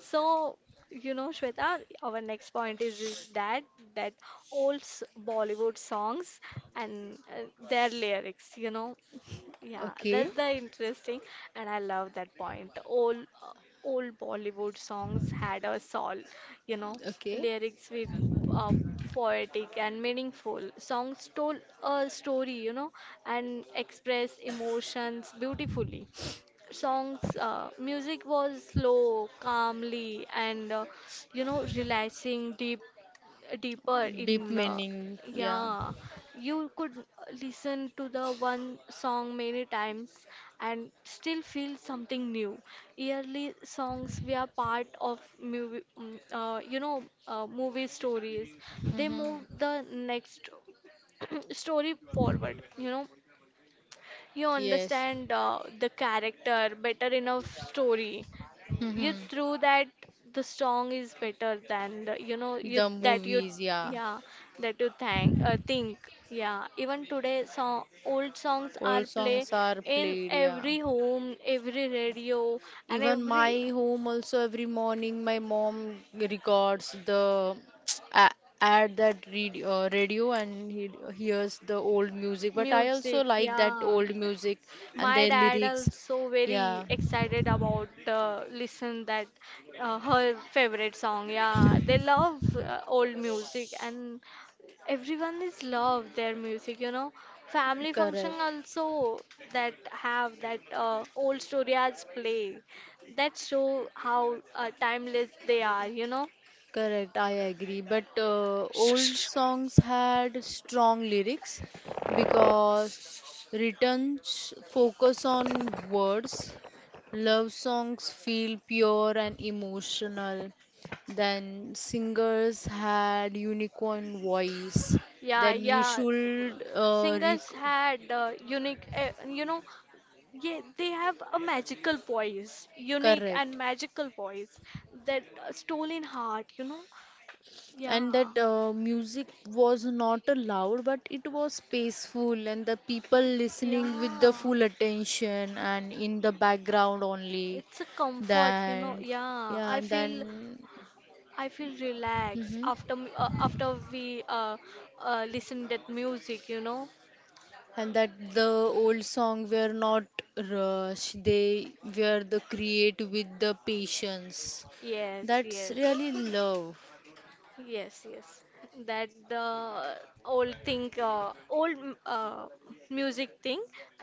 Speaker 1: So, you know, Shweta, our next point is, is that that old s- Bollywood songs and uh, their lyrics, you know. [laughs] Yeah,
Speaker 2: Okay,
Speaker 1: that's the interesting, and I love that point. All uh, old Bollywood songs had a soul, you know,
Speaker 2: okay.
Speaker 1: lyrics with uh, poetic and meaningful. Songs told a story, you know, and express emotions beautifully. Songs uh, Music was slow, calmly, and uh, you know, relaxing, deep, deeper in
Speaker 2: Deep
Speaker 1: uh,
Speaker 2: meaning, yeah.
Speaker 1: yeah, you could listen to the one song many times and still feel something new. Yearly songs were part of movie mm, uh, you know, uh, movie stories. They
Speaker 2: hmm
Speaker 1: move the next [clears throat] story forward, you know, you
Speaker 2: Yes.
Speaker 1: understand uh, the character better in a story. You
Speaker 2: hmm
Speaker 1: through that the song is better than the, you know, you
Speaker 2: The
Speaker 1: that you
Speaker 2: movies, yeah.
Speaker 1: yeah, that you thank uh, think, yeah, even today song, old songs are
Speaker 2: Old
Speaker 1: play
Speaker 2: songs are
Speaker 1: in
Speaker 2: played, yeah.
Speaker 1: every home, every radio, and
Speaker 2: Even
Speaker 1: every
Speaker 2: my home also every morning my mom records the [tsk] a- add that read, uh, radio and he hears the old music. But I also
Speaker 1: music,
Speaker 2: like that
Speaker 1: yeah.
Speaker 2: old music and
Speaker 1: My
Speaker 2: their
Speaker 1: dad
Speaker 2: lyrics.
Speaker 1: also
Speaker 2: Yeah,
Speaker 1: very excited about uh, listen that uh, her favorite song. Yeah, they love uh, old music, and everyone is love their music. You know, family function
Speaker 2: correct.
Speaker 1: also that have that uh, old story as play. That show how uh, timeless they are. You know.
Speaker 2: Correct, I agree. But uh, old
Speaker 1: [laughs]
Speaker 2: songs had strong lyrics because returns focus on words. Love songs feel pure and emotional. Then singers had unicorn voice.
Speaker 1: Yeah,
Speaker 2: Then you
Speaker 1: yeah.
Speaker 2: should uh,
Speaker 1: Singers
Speaker 2: rec-
Speaker 1: had uh, unique, uh, you know, yeah, they have a magical voice, unique and
Speaker 2: correct.
Speaker 1: magical voice, that uh, stolen heart, you know? Yeah,
Speaker 2: And that uh, music was not loud but it was peaceful and the people listening with the
Speaker 1: yeah.
Speaker 2: full attention and in the background only
Speaker 1: It's a comfort, you know?
Speaker 2: then
Speaker 1: Yeah,
Speaker 2: yeah
Speaker 1: I
Speaker 2: and then
Speaker 1: feel I feel relaxed
Speaker 2: hmm
Speaker 1: after m- uh, after we uh, uh listen that music, you know?
Speaker 2: and that the old song were not rushed they were the create with the patience
Speaker 1: Yes,
Speaker 2: that's
Speaker 1: yes.
Speaker 2: really love.
Speaker 1: Yes, yes. That the old thing, uh, old m- uh, music thing.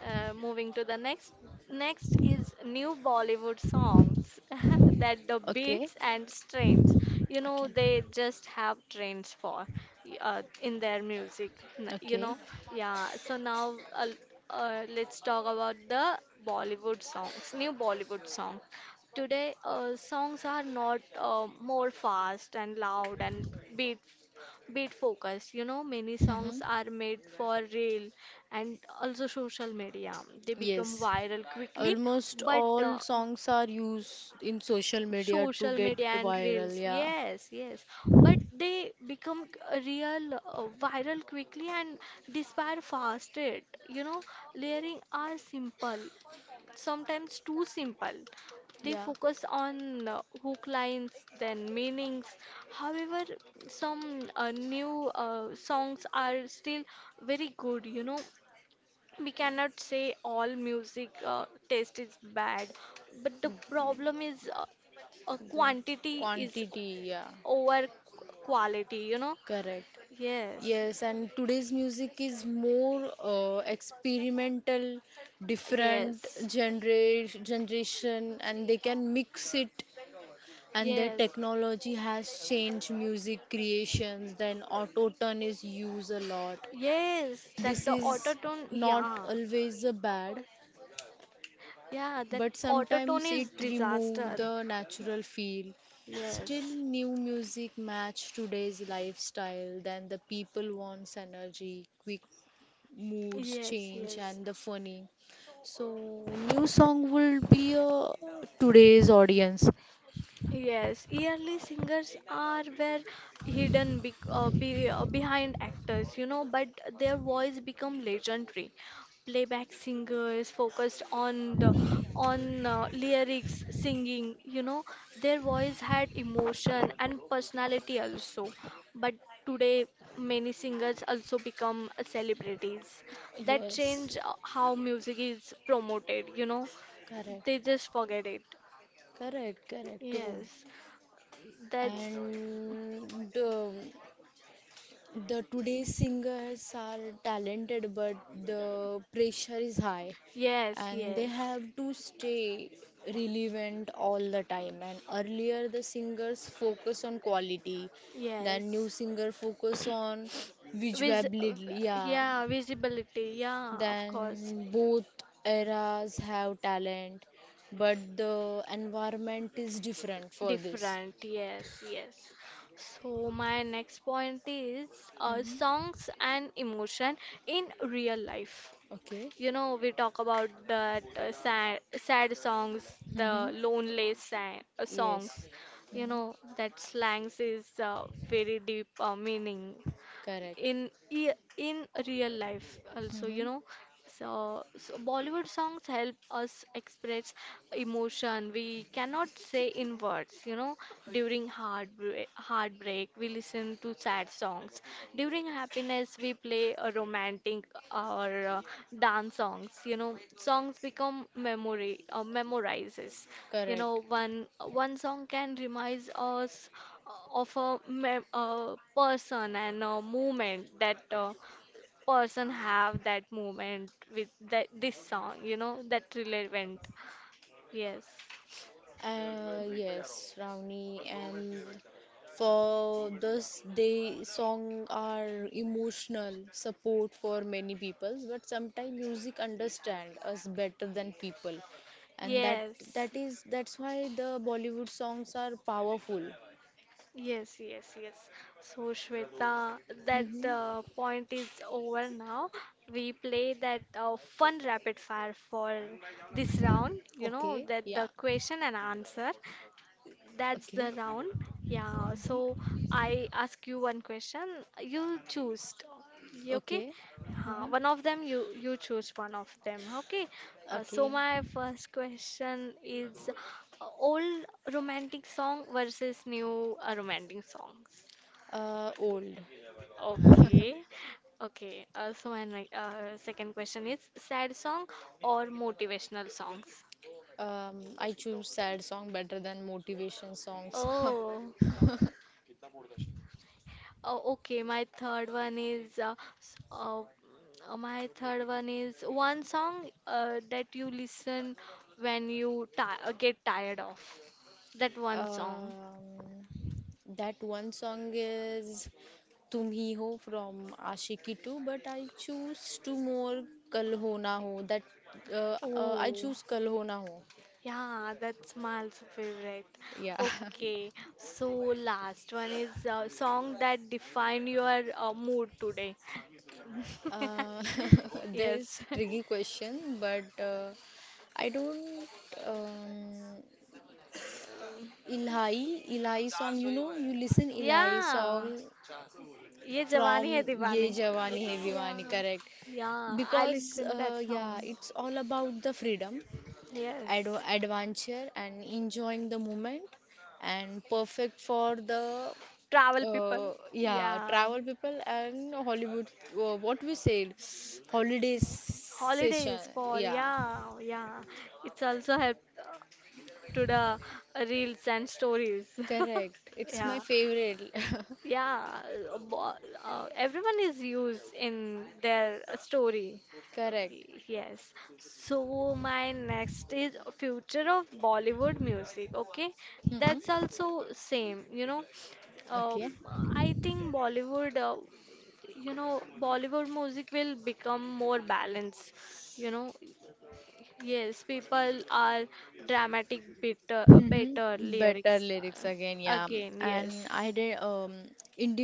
Speaker 1: Uh, moving to the next, next is new Bollywood songs. [laughs] That the
Speaker 2: Okay.
Speaker 1: beats and strains, you know,
Speaker 2: Okay,
Speaker 1: they just have trends for y- uh, in their music. n- You
Speaker 2: okay.
Speaker 1: know, yeah. So now, uh, uh, let's talk about the Bollywood songs, new Bollywood song. Today, uh, songs are not uh, more fast and loud, and beat beat focused. You know, many songs
Speaker 2: hmm
Speaker 1: are made for reel and also social media. They become
Speaker 2: yes.
Speaker 1: viral quickly,
Speaker 2: Almost
Speaker 1: but
Speaker 2: all
Speaker 1: uh,
Speaker 2: songs are used in social media to
Speaker 1: social
Speaker 2: get
Speaker 1: media and
Speaker 2: viral.
Speaker 1: reels,
Speaker 2: Yeah,
Speaker 1: yes, yes, but they become uh, real uh, viral quickly and disappear fast. It, you know, layering are simple, sometimes too simple. They
Speaker 2: yeah.
Speaker 1: focus on uh, hook lines, then meanings. However, some uh, new uh, songs are still very good, you know. We cannot say all music uh, taste is bad, but the problem is uh, uh,
Speaker 2: The
Speaker 1: quantity is
Speaker 2: quantity, yeah,
Speaker 1: over quality, you know.
Speaker 2: correct.
Speaker 1: Yes,
Speaker 2: Yes, and today's music is more uh, experimental, different
Speaker 1: yes,
Speaker 2: genera generation, and they can mix it. And their
Speaker 1: yes,
Speaker 2: technology has changed music creations. Then auto tune is used a lot.
Speaker 1: yes,
Speaker 2: This
Speaker 1: that the auto
Speaker 2: is
Speaker 1: tune,
Speaker 2: not
Speaker 1: yeah.
Speaker 2: always a bad,
Speaker 1: Yeah, that
Speaker 2: but
Speaker 1: auto tone
Speaker 2: sometimes
Speaker 1: is
Speaker 2: it remove
Speaker 1: disaster.
Speaker 2: the natural feel. Still,
Speaker 1: Yes,
Speaker 2: new music match today's lifestyle. Then the people wants energy, quick moods
Speaker 1: yes,
Speaker 2: change,
Speaker 1: yes.
Speaker 2: and the funny. So new song will be uh, today's audience.
Speaker 1: Yes, yearly singers are were hidden be, uh, be, uh, behind actors, you know, but their voice become legendary. Playback singers focused on the on uh, lyrics, singing, you know, their voice had emotion and personality also. But today, many singers also become celebrities. That
Speaker 2: Yes,
Speaker 1: change uh, how music is promoted, you know.
Speaker 2: correct,
Speaker 1: They just forget it.
Speaker 2: correct, correct, true.
Speaker 1: Yes. That's
Speaker 2: And uh, the today's singers are talented, but the pressure is high,
Speaker 1: yes,
Speaker 2: and they
Speaker 1: yes,
Speaker 2: have to stay relevant all the time. And earlier, the singers focus on quality, then new
Speaker 1: yes.
Speaker 2: singer focus on
Speaker 1: Vis
Speaker 2: visuality. Yeah,
Speaker 1: Yeah, visibility, yeah, of course.
Speaker 2: then both eras have talent, but the environment is different for this.
Speaker 1: Different, yes, yes. So my next point is uh,
Speaker 2: hmm
Speaker 1: songs and emotion in real life.
Speaker 2: Okay.
Speaker 1: You know, we talk about that uh, sad, sad songs, the
Speaker 2: hmm
Speaker 1: lonely sad, uh,
Speaker 2: Yes.
Speaker 1: songs. You
Speaker 2: hmm
Speaker 1: know, that slangs is uh, very deep uh, meaning
Speaker 2: Correct.
Speaker 1: in i- in real life also, you
Speaker 2: Mm-hmm.
Speaker 1: know. So, so Bollywood songs help us express emotion we cannot say in words, you know. During heartbreak, heartbreak, we listen to sad songs. During happiness, we play a romantic, or uh, dance songs, you know. Songs become memory, uh, memorizes, you
Speaker 2: Correct.
Speaker 1: know, one one song can remind us of a, mem- a person and a moment that uh, person have that moment with that this song. You know, that relevant. Yes.
Speaker 2: Uh, yes, Ravni and for this they song are emotional support for many people, but sometimes music understand us better than people, and that
Speaker 1: Yes,
Speaker 2: that is that's why the Bollywood songs are powerful.
Speaker 1: yes, yes, yes. So, Shweta, that
Speaker 2: Mm-hmm.
Speaker 1: uh, point is over now. We play that uh, fun rapid fire for this round, you know,
Speaker 2: Okay.
Speaker 1: that
Speaker 2: Yeah.
Speaker 1: the question and answer. That's
Speaker 2: Okay.
Speaker 1: the round. Yeah.
Speaker 2: Mhm.
Speaker 1: So I ask you one question. You choose. You Okay.
Speaker 2: Okay. Okay.
Speaker 1: Uh,
Speaker 2: hmm
Speaker 1: one of them. You you choose one of them. Okay. Uh, so
Speaker 2: Okay.
Speaker 1: my first question is uh, old romantic song versus new uh, romantic songs.
Speaker 2: Uh, old.
Speaker 1: Okay. Okay. Uh, so my ne- uh, second question is sad song or motivational songs.
Speaker 2: Um, I choose sad song better than motivation songs. [laughs]
Speaker 1: Oh. Oh, okay, my third one is uh, s- uh, uh, my third one is one song uh, that you listen when you ti uh, get tired of. That one song.
Speaker 2: um, that one song is "Tum Hi Ho" from Aashiqui two, but I choose two more "Kal Ho Na Ho." That uh, uh, I
Speaker 1: Oh,
Speaker 2: choose "Kal Ho Na Ho."
Speaker 1: yeah, that's my also favorite.
Speaker 2: Yeah. [laughs]
Speaker 1: Okay, so last one is a song that define your uh, mood today.
Speaker 2: Uh,
Speaker 1: [laughs]
Speaker 2: [laughs] there's
Speaker 1: Yes. [laughs]
Speaker 2: tricky question, but uh, I don't um, Ilahi Ilahi song. You know, you listen Ilahi
Speaker 1: Yeah.
Speaker 2: song
Speaker 1: Ye
Speaker 2: from
Speaker 1: Jawani Hai
Speaker 2: Ye
Speaker 1: Diwani.
Speaker 2: Jawani Hai
Speaker 1: Ye- Yeah,
Speaker 2: Diwani, correct?
Speaker 1: yeah, I
Speaker 2: Because
Speaker 1: listen that
Speaker 2: uh, yeah,
Speaker 1: song.
Speaker 2: it's all about the freedom, ad
Speaker 1: Yes,
Speaker 2: adventure, and enjoying the moment, and perfect for the
Speaker 1: travel people.
Speaker 2: uh, yeah
Speaker 1: Yeah,
Speaker 2: travel people and Hollywood. Uh, what we said, holiday session.
Speaker 1: holidays for
Speaker 2: Yeah,
Speaker 1: yeah, yeah. It's also help to the reels and stories.
Speaker 2: correct.
Speaker 1: [laughs]
Speaker 2: It's my
Speaker 1: Yeah,
Speaker 2: favorite. [laughs]
Speaker 1: yeah. uh, bo- uh, Everyone is used in their story.
Speaker 2: Correct.
Speaker 1: Yes. So my next is future of Bollywood music. Okay, that's
Speaker 2: hmm
Speaker 1: also same. You know, uh,
Speaker 2: Okay.
Speaker 1: I think Bollywood. Uh, you know, Bollywood music will become more balanced. You know, yes, people are dramatic, better, better
Speaker 2: Mm-hmm. Better
Speaker 1: lyrics
Speaker 2: lyrics
Speaker 1: uh,
Speaker 2: again, yeah.
Speaker 1: again.
Speaker 2: And
Speaker 1: Yes,
Speaker 2: I did um,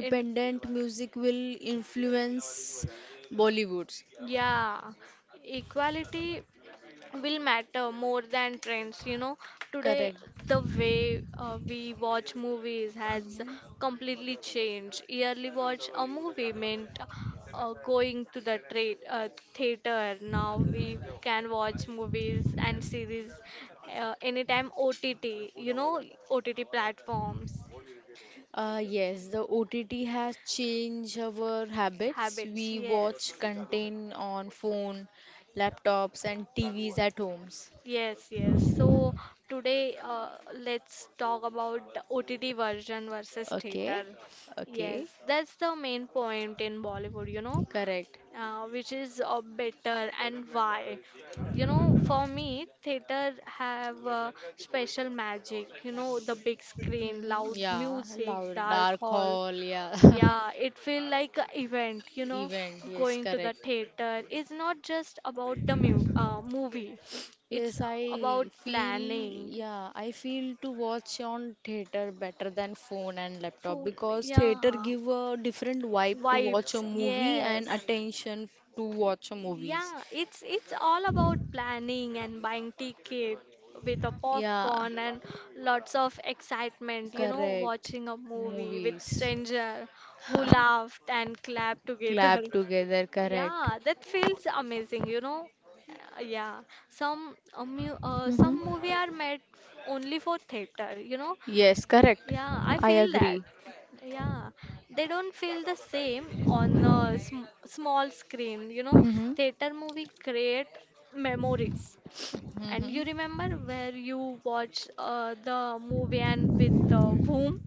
Speaker 1: and
Speaker 2: music will influence Bollywood's.
Speaker 1: yeah, equality will matter more than trends, you know, today.
Speaker 2: Correct.
Speaker 1: The way uh, we watch movies has
Speaker 2: Mhm.
Speaker 1: completely changed. Yearly watch a movie meant uh, going to the tra- uh, theater. Now we can watch movies and series uh, anytime, O T T, you know, O T T platforms,
Speaker 2: Uh, yes, the O T T has changed our habits.
Speaker 1: habits,
Speaker 2: We watch
Speaker 1: yes.
Speaker 2: content on phone, laptops, and T Vs at homes.
Speaker 1: Yes, yes. So today, uh, let's talk about the O T T version versus
Speaker 2: Okay,
Speaker 1: theater.
Speaker 2: okay,
Speaker 1: Yes, that's the main point in Bollywood, you know,
Speaker 2: correct.
Speaker 1: uh, which is uh, better and why. You know, for me, theater have uh, special magic. You know, the big screen,
Speaker 2: Mm-hmm.
Speaker 1: loud
Speaker 2: Yeah,
Speaker 1: music,
Speaker 2: loud,
Speaker 1: dark
Speaker 2: dark
Speaker 1: hall,
Speaker 2: hall, yeah. [laughs]
Speaker 1: yeah, it feel like a event, you know.
Speaker 2: Event, yes,
Speaker 1: Going to the
Speaker 2: correct.
Speaker 1: theater is not just about the mu uh, movie. It's
Speaker 2: Yes,
Speaker 1: about
Speaker 2: I feel,
Speaker 1: planning,
Speaker 2: yeah, I feel to watch on theater better than phone and laptop
Speaker 1: food,
Speaker 2: because theater
Speaker 1: yeah,
Speaker 2: give a different vibe to watch a
Speaker 1: vibes,
Speaker 2: movie and
Speaker 1: yes.
Speaker 2: attention to watch a movies.
Speaker 1: Yeah, it's it's all about planning and buying ticket with a
Speaker 2: Yeah,
Speaker 1: popcorn and lots of excitement, you know,
Speaker 2: correct.
Speaker 1: watching a movie with
Speaker 2: Movies.
Speaker 1: stranger who
Speaker 2: [laughs]
Speaker 1: laughed and clapped together.
Speaker 2: Clap
Speaker 1: [laughs]
Speaker 2: together, correct.
Speaker 1: Yeah, that feels amazing, you know. Uh, yeah, some uh, mu- uh,
Speaker 2: Mm-hmm.
Speaker 1: some movie are made f- only for theater, you know.
Speaker 2: Yes, correct.
Speaker 1: Yeah, I
Speaker 2: I
Speaker 1: feel that.
Speaker 2: agree.
Speaker 1: Yeah, they don't feel the same on a sm small screen, you know.
Speaker 2: Mm-hmm.
Speaker 1: Theater movie create memories, and
Speaker 2: hmm
Speaker 1: you remember where you watch uh, the movie and with uh, whom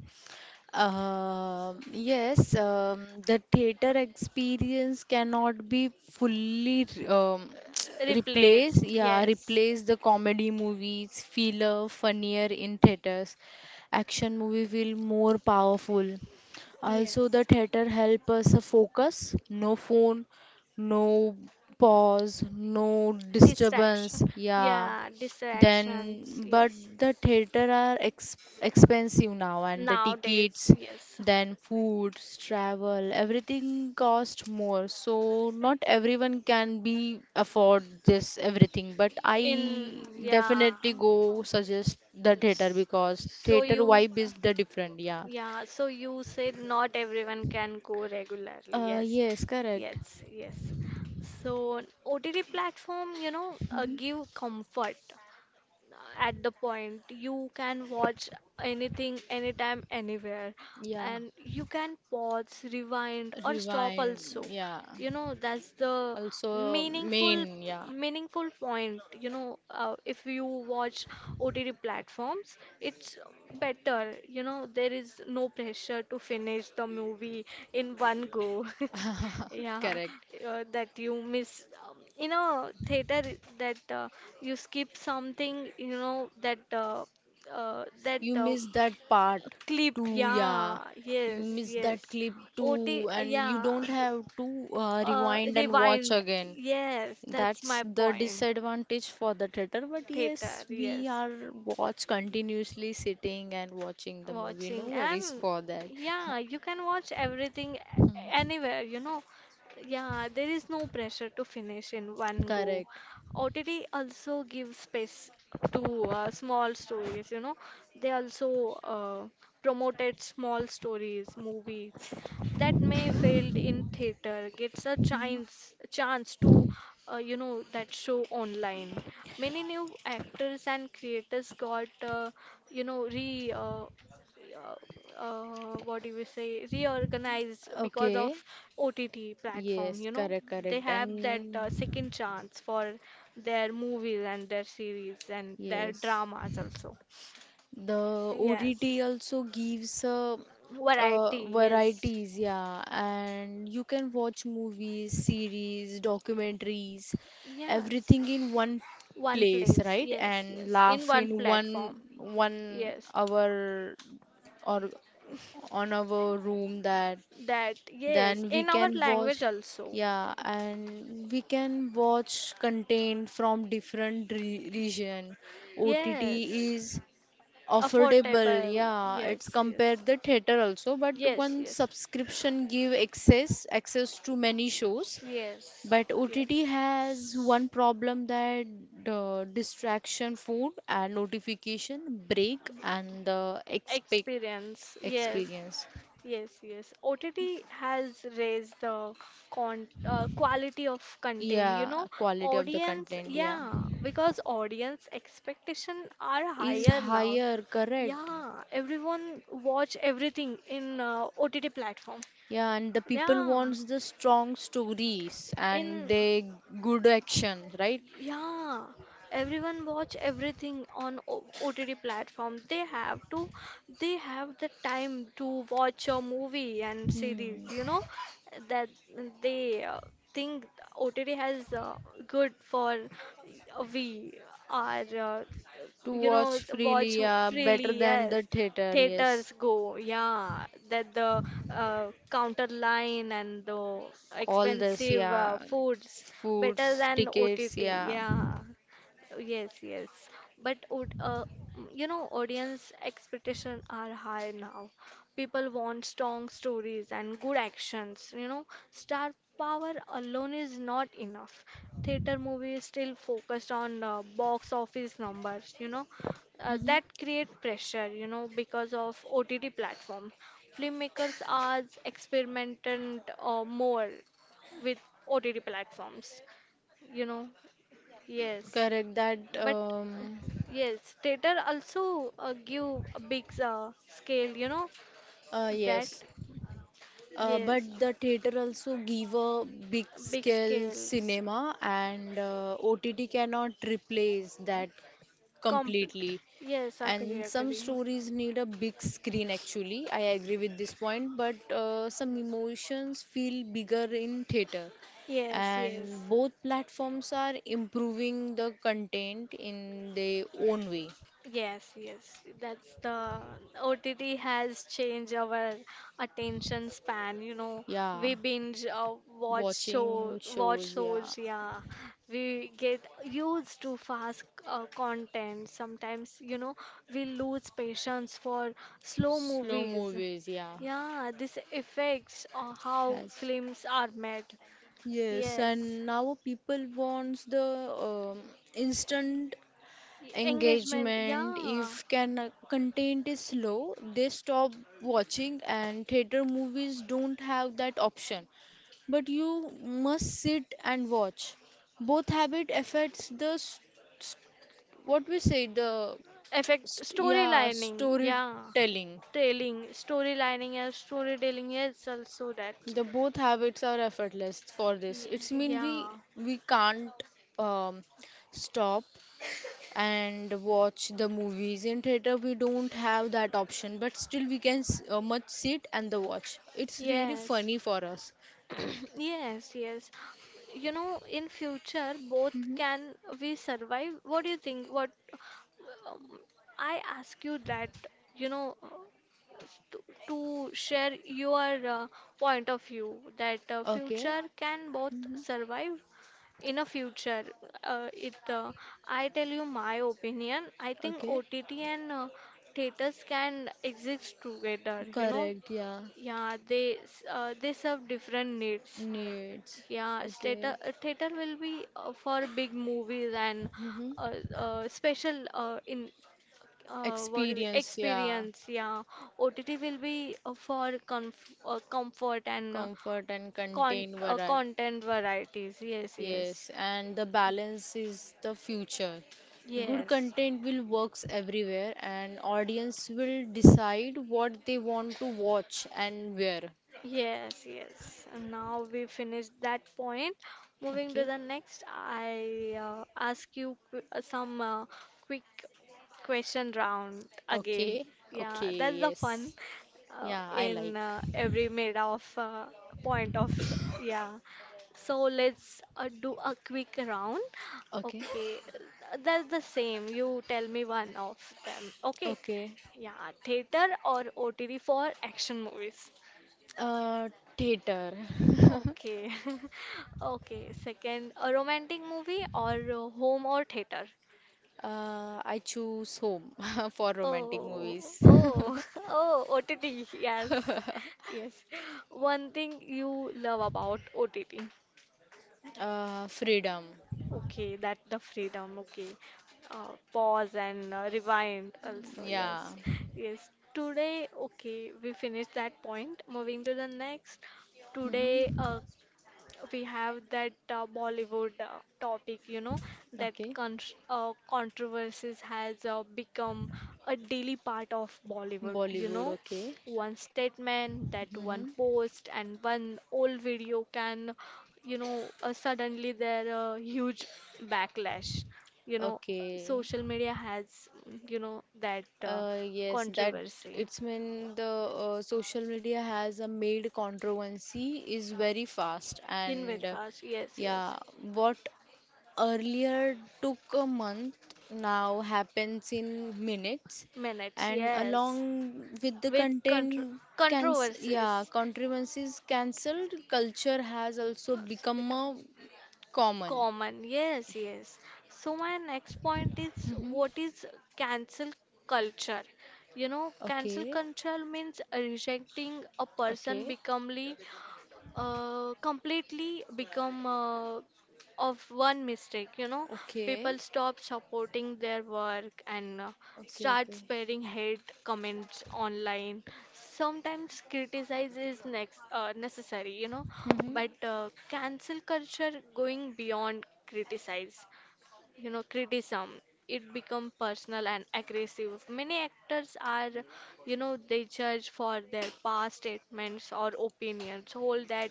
Speaker 2: Um yes, um, the theater experience cannot be fully um, [tsk] replace,
Speaker 1: replaced.
Speaker 2: yeah,
Speaker 1: Yes,
Speaker 2: replace the comedy movies, feel uh, funnier in theaters. Action movie feel more powerful. Also, the
Speaker 1: yes.
Speaker 2: theater help us focus, no phone, no pause, no
Speaker 1: Distraction.
Speaker 2: disturbance. Yeah,
Speaker 1: Yeah, distractions.
Speaker 2: then but
Speaker 1: Yes.
Speaker 2: the theater are ex- expensive now and the
Speaker 1: Nowadays,
Speaker 2: tickets
Speaker 1: yes.
Speaker 2: then foods travel everything cost more so not everyone can be afford this everything but
Speaker 1: In,
Speaker 2: I
Speaker 1: yeah.
Speaker 2: definitely go suggest the theater
Speaker 1: S-
Speaker 2: because
Speaker 1: So
Speaker 2: theater
Speaker 1: you,
Speaker 2: vibe is the different yeah.
Speaker 1: yeah, so you said not everyone can go regularly.
Speaker 2: Uh,
Speaker 1: Yes.
Speaker 2: yes, correct.
Speaker 1: Yes, yes. So O T T platform, you know, uh,
Speaker 2: hmm
Speaker 1: give comfort at the point. You can watch anything, anytime, anywhere,
Speaker 2: yeah
Speaker 1: and you can pause, rewind, or stop
Speaker 2: rewind
Speaker 1: also.
Speaker 2: yeah
Speaker 1: You know, that's the
Speaker 2: also
Speaker 1: meaningful,
Speaker 2: main yeah.
Speaker 1: meaningful point. You know, uh, if you watch O T T platforms, it's better. You know, there is no pressure to finish the movie in one go. [laughs]
Speaker 2: [laughs]
Speaker 1: Yeah,
Speaker 2: Correct.
Speaker 1: uh, that you miss um, in a theater that uh, you skip something, you know, that uh, uh, that
Speaker 2: You
Speaker 1: uh,
Speaker 2: miss that part
Speaker 1: clip.
Speaker 2: too, yeah.
Speaker 1: Yeah,
Speaker 2: You
Speaker 1: yes,
Speaker 2: miss
Speaker 1: yes.
Speaker 2: that clip
Speaker 1: O T,
Speaker 2: too,
Speaker 1: uh,
Speaker 2: and you
Speaker 1: yeah.
Speaker 2: don't have to uh,
Speaker 1: Uh,
Speaker 2: rewind and watch
Speaker 1: rewind.
Speaker 2: again.
Speaker 1: Yes, that's
Speaker 2: That's
Speaker 1: my
Speaker 2: the
Speaker 1: point.
Speaker 2: disadvantage for the theater, but
Speaker 1: Theater,
Speaker 2: yes, we
Speaker 1: yes.
Speaker 2: are watch continuously sitting and watching the movie. No
Speaker 1: Watching
Speaker 2: worries
Speaker 1: and
Speaker 2: for that. [laughs]
Speaker 1: yeah, you can watch everything
Speaker 2: Hmm,
Speaker 1: a- anywhere, you know. Yeah, there is no pressure to finish in one go.
Speaker 2: correct.
Speaker 1: O T T also gives space to uh, small stories, you know. They also uh, promoted small stories movies that may failed in theater. Gets a
Speaker 2: Mhm.
Speaker 1: chance chance to uh, you know, that show online. Many new actors and creators got uh, you know re uh, uh, uh, what do we say reorganized because
Speaker 2: Okay.
Speaker 1: of O T T platform,
Speaker 2: Yes,
Speaker 1: you know.
Speaker 2: correct,
Speaker 1: They
Speaker 2: correct.
Speaker 1: have that
Speaker 2: And
Speaker 1: uh, second chance for their movies and their series and their
Speaker 2: yes.
Speaker 1: dramas also.
Speaker 2: The
Speaker 1: Yes,
Speaker 2: O T T also gives uh, uh,
Speaker 1: variety, yes,
Speaker 2: varieties, yeah, and you can watch movies, series, documentaries,
Speaker 1: yes,
Speaker 2: everything in one
Speaker 1: one
Speaker 2: place,
Speaker 1: place,
Speaker 2: right?
Speaker 1: yes,
Speaker 2: And
Speaker 1: yes, in
Speaker 2: laugh
Speaker 1: one
Speaker 2: in one
Speaker 1: platform,
Speaker 2: one
Speaker 1: yes,
Speaker 2: hour or on our room that
Speaker 1: that, yes,
Speaker 2: then we
Speaker 1: in our
Speaker 2: can watch
Speaker 1: language also,
Speaker 2: yeah and we can watch content from different re region. O T T
Speaker 1: yes,
Speaker 2: is affordable
Speaker 1: affordable,
Speaker 2: yeah it's
Speaker 1: yes,
Speaker 2: compare
Speaker 1: yes,
Speaker 2: the theater also but
Speaker 1: yes,
Speaker 2: one
Speaker 1: yes.
Speaker 2: subscription give access access to many shows
Speaker 1: Yes,
Speaker 2: but
Speaker 1: yes.
Speaker 2: O T T has one problem that uh, distraction food and notification break and the expect
Speaker 1: Experience. Yes,
Speaker 2: experience
Speaker 1: yes, yes. O T T has raised the con uh, quality of content. You know,
Speaker 2: yeah quality of the
Speaker 1: audience,
Speaker 2: content yeah
Speaker 1: yeah, because audience expectation are
Speaker 2: is
Speaker 1: higher now.
Speaker 2: higher correct
Speaker 1: Yeah, everyone watch everything in uh, O T T platform.
Speaker 2: yeah and the people
Speaker 1: Yeah,
Speaker 2: wants the strong stories and
Speaker 1: in
Speaker 2: they good actions right.
Speaker 1: yeah, everyone watch everything on O- OTT platform. They have to, they have the time to watch a movie and series.
Speaker 2: Hmm.
Speaker 1: You know that they uh, think O T T has uh, good for uh, we are uh,
Speaker 2: To
Speaker 1: you know,
Speaker 2: watch
Speaker 1: watch
Speaker 2: freely, yeah, better
Speaker 1: freely.
Speaker 2: than
Speaker 1: Yes,
Speaker 2: the theater, yes.
Speaker 1: theaters go. Yeah, that the uh, counter line and the
Speaker 2: All this,
Speaker 1: expensive uh,
Speaker 2: yeah.
Speaker 1: foods better
Speaker 2: Foods,
Speaker 1: than
Speaker 2: tickets,
Speaker 1: O T T.
Speaker 2: yeah.
Speaker 1: Yeah, yes, yes. But would uh, you know, audience expectations are high now. People want strong stories and good actions. You know, star power alone is not enough. Theater movies still focused on uh, box office numbers. You know, uh,
Speaker 2: hmm
Speaker 1: that create pressure. You know, because of O T T platform, filmmakers are experimenting uh, more with O T T platforms. You know, yes.
Speaker 2: Correct that,
Speaker 1: But uh,
Speaker 2: um,
Speaker 1: yes, theater also uh, give a big uh, scale, you know,
Speaker 2: uh,
Speaker 1: that
Speaker 2: yes. Uh, but
Speaker 1: yes,
Speaker 2: the theater also give a big
Speaker 1: big
Speaker 2: scale
Speaker 1: scales.
Speaker 2: cinema and uh, O T T cannot replace that
Speaker 1: Compl
Speaker 2: completely.
Speaker 1: Yes, agree,
Speaker 2: And some
Speaker 1: agree.
Speaker 2: stories need a big screen actually. I agree with this point, but uh, some emotions feel bigger in theater.
Speaker 1: Yes, yes.
Speaker 2: And both platforms are improving the content in their own way.
Speaker 1: Yes, yes. That's the O T T has changed our attention span. You know,
Speaker 2: Yeah,
Speaker 1: we binge uh, watch show,
Speaker 2: watching
Speaker 1: watch
Speaker 2: shows, yeah,
Speaker 1: shows. Yeah, we get used to fast uh, content. Sometimes, you know, we lose patience for slow
Speaker 2: slow
Speaker 1: movies.
Speaker 2: movies, yeah,
Speaker 1: Yeah, this affects uh, how
Speaker 2: has.
Speaker 1: films are made.
Speaker 2: Yes,
Speaker 1: Yes,
Speaker 2: and now people wants the um, instant
Speaker 1: Y- engagement.
Speaker 2: engagement.
Speaker 1: Yeah,
Speaker 2: If can uh, content is slow, they stop watching, and theater movies don't have that option. But you must sit and watch. Both habit affects the st- what we say the
Speaker 1: effect
Speaker 2: st yeah
Speaker 1: storylining, yeah.
Speaker 2: storytelling.
Speaker 1: Telling, storylining, yeah, storytelling, yes, also that.
Speaker 2: The both habits are effortless for this.
Speaker 1: Ye-
Speaker 2: It's mean we
Speaker 1: Yeah,
Speaker 2: we can't um, stop and watch the movies in theater we don't have that option but still we can s- uh, much sit and the watch it's really
Speaker 1: yes,
Speaker 2: funny for us.
Speaker 1: [clears throat] yes, yes. You know, in future, both
Speaker 2: Mm-hmm.
Speaker 1: can we survive? What do you think? What Um, I ask you that, you know, uh, to, to share your uh, point of view that uh,
Speaker 2: Okay.
Speaker 1: future can both
Speaker 2: Mm-hmm.
Speaker 1: survive in a future. Uh, it, uh, I tell you my opinion. I think
Speaker 2: Okay,
Speaker 1: O T T and uh, theaters can exist together. You know,
Speaker 2: correct yeah
Speaker 1: yeah, they s- uh, they serve different needs.
Speaker 2: needs
Speaker 1: Yeah, theater
Speaker 2: okay.
Speaker 1: uh, theater will be uh, for big movies and uh,
Speaker 2: Mm-hmm.
Speaker 1: uh, special uh, in uh, what do we
Speaker 2: Experience yeah
Speaker 1: experience, yeah. O T T will be uh, for comf uh, comfort and uh,
Speaker 2: comfort and
Speaker 1: con
Speaker 2: contain
Speaker 1: uh,
Speaker 2: variety.
Speaker 1: content varieties, yes, yes,
Speaker 2: Yes, and the balance is the future. Good
Speaker 1: yes.
Speaker 2: content will works everywhere and audience will decide what they want to watch and where.
Speaker 1: Yes, yes. And now we finished that point. Moving to
Speaker 2: Okay.
Speaker 1: the next, I uh, ask you qu uh, some uh, quick question round again.
Speaker 2: Okay.
Speaker 1: Yeah, that's the
Speaker 2: Okay,
Speaker 1: fun
Speaker 2: yes.
Speaker 1: uh,
Speaker 2: Yeah, I
Speaker 1: in
Speaker 2: like.
Speaker 1: uh, every mid of uh, point of, yeah. So let's uh, do a quick round.
Speaker 2: Okay.
Speaker 1: Okay, that's the same. You tell me one of them. Okay.
Speaker 2: Okay.
Speaker 1: Yeah, theater or O T T for action movies.
Speaker 2: Uh theater. [laughs]
Speaker 1: Okay. [laughs] Okay. Second, a romantic movie or a home or theater?
Speaker 2: Uh I choose home [laughs] for romantic
Speaker 1: Oh,
Speaker 2: movies. [laughs]
Speaker 1: oh, [laughs] oh, O T T. Yes. Yes. One thing you love about O T T.
Speaker 2: Uh freedom.
Speaker 1: Okay, that the freedom. Okay. Uh, pause and uh, rewind also.
Speaker 2: Yeah.
Speaker 1: Yes. Yes. Today, okay, we finished that point. Moving to the next. Today,
Speaker 2: Mm-hmm.
Speaker 1: uh, we have that uh, Bollywood uh, topic, you know, that
Speaker 2: Okay.
Speaker 1: con uh, controversies has uh, become a daily part of Bollywood, you
Speaker 2: Bollywood,
Speaker 1: know.
Speaker 2: okay.
Speaker 1: One statement, that one
Speaker 2: hmm
Speaker 1: post, and one old video can, you know, uh, suddenly there a huge backlash. You know,
Speaker 2: Okay.
Speaker 1: social media has, you know, that uh,
Speaker 2: Uh, yes, that
Speaker 1: controversy.
Speaker 2: it's when the uh, social media has a made controversy is very fast
Speaker 1: In
Speaker 2: and
Speaker 1: very
Speaker 2: uh,
Speaker 1: fast, yes,
Speaker 2: yeah,
Speaker 1: yes.
Speaker 2: what earlier took a month now happens in minutes
Speaker 1: Minutes,
Speaker 2: and
Speaker 1: yes.
Speaker 2: along with the
Speaker 1: With contro-
Speaker 2: content can yeah,
Speaker 1: controversies
Speaker 2: controversies cancelled culture has also
Speaker 1: also
Speaker 2: become
Speaker 1: become
Speaker 2: a common.
Speaker 1: common. Yes, yes. So my next point is,
Speaker 2: hmm
Speaker 1: what is cancel culture? You know, cancel
Speaker 2: Okay.
Speaker 1: culture means rejecting a person
Speaker 2: Okay.
Speaker 1: becomely uh, completely become uh, of one mistake, you know.
Speaker 2: Okay.
Speaker 1: People stop supporting their work and uh,
Speaker 2: Okay.
Speaker 1: start
Speaker 2: Okay.
Speaker 1: sparing hate comments online. Sometimes criticize is next uh, necessary, you know,
Speaker 2: Mm-hmm.
Speaker 1: but uh, cancel culture going beyond criticize, you know, criticism. It become personal and aggressive. Many actors are, you know, they judge for their past statements or opinions, hold that,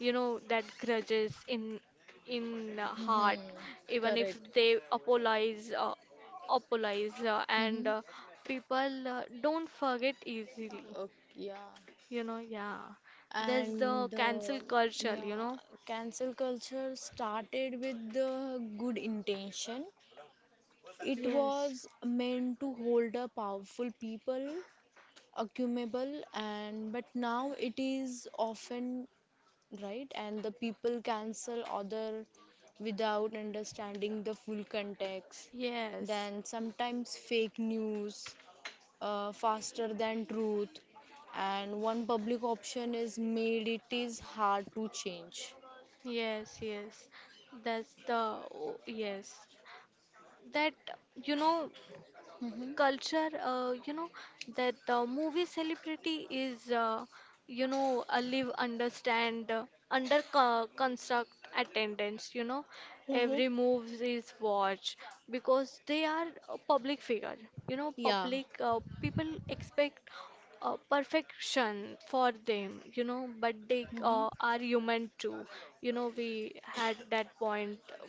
Speaker 1: you know, that grudges in in the heart,
Speaker 2: Mm-hmm.
Speaker 1: even if
Speaker 2: Correct.
Speaker 1: they apologize uh, apologize uh, and
Speaker 2: Mm-hmm.
Speaker 1: uh, people uh, don't forget easily,
Speaker 2: Okay. Yeah.
Speaker 1: you know. Yeah, there's the
Speaker 2: And uh,
Speaker 1: cancel culture,
Speaker 2: yeah,
Speaker 1: you know.
Speaker 2: cancel culture started with the good intention. It
Speaker 1: Yes,
Speaker 2: was meant to hold a powerful people accumulable and but now it is often right? And the people cancel other without understanding the full context.
Speaker 1: yes.
Speaker 2: Then sometimes fake news uh, faster than truth, and one public option is made it is hard to change.
Speaker 1: Yes, yes. That's the, oh, yes. That, you know,
Speaker 2: Mm-hmm.
Speaker 1: culture, uh, you know, that the movie celebrity is, uh, you know, a live understand uh, under co- construct attendance. You know,
Speaker 2: Mhm.
Speaker 1: every move is watched because they are a public figure. You know,
Speaker 2: Yeah,
Speaker 1: public uh, people expect uh, perfection for them, you know, but they
Speaker 2: Mm-hmm.
Speaker 1: uh, are human too. You know, we had that point, uh,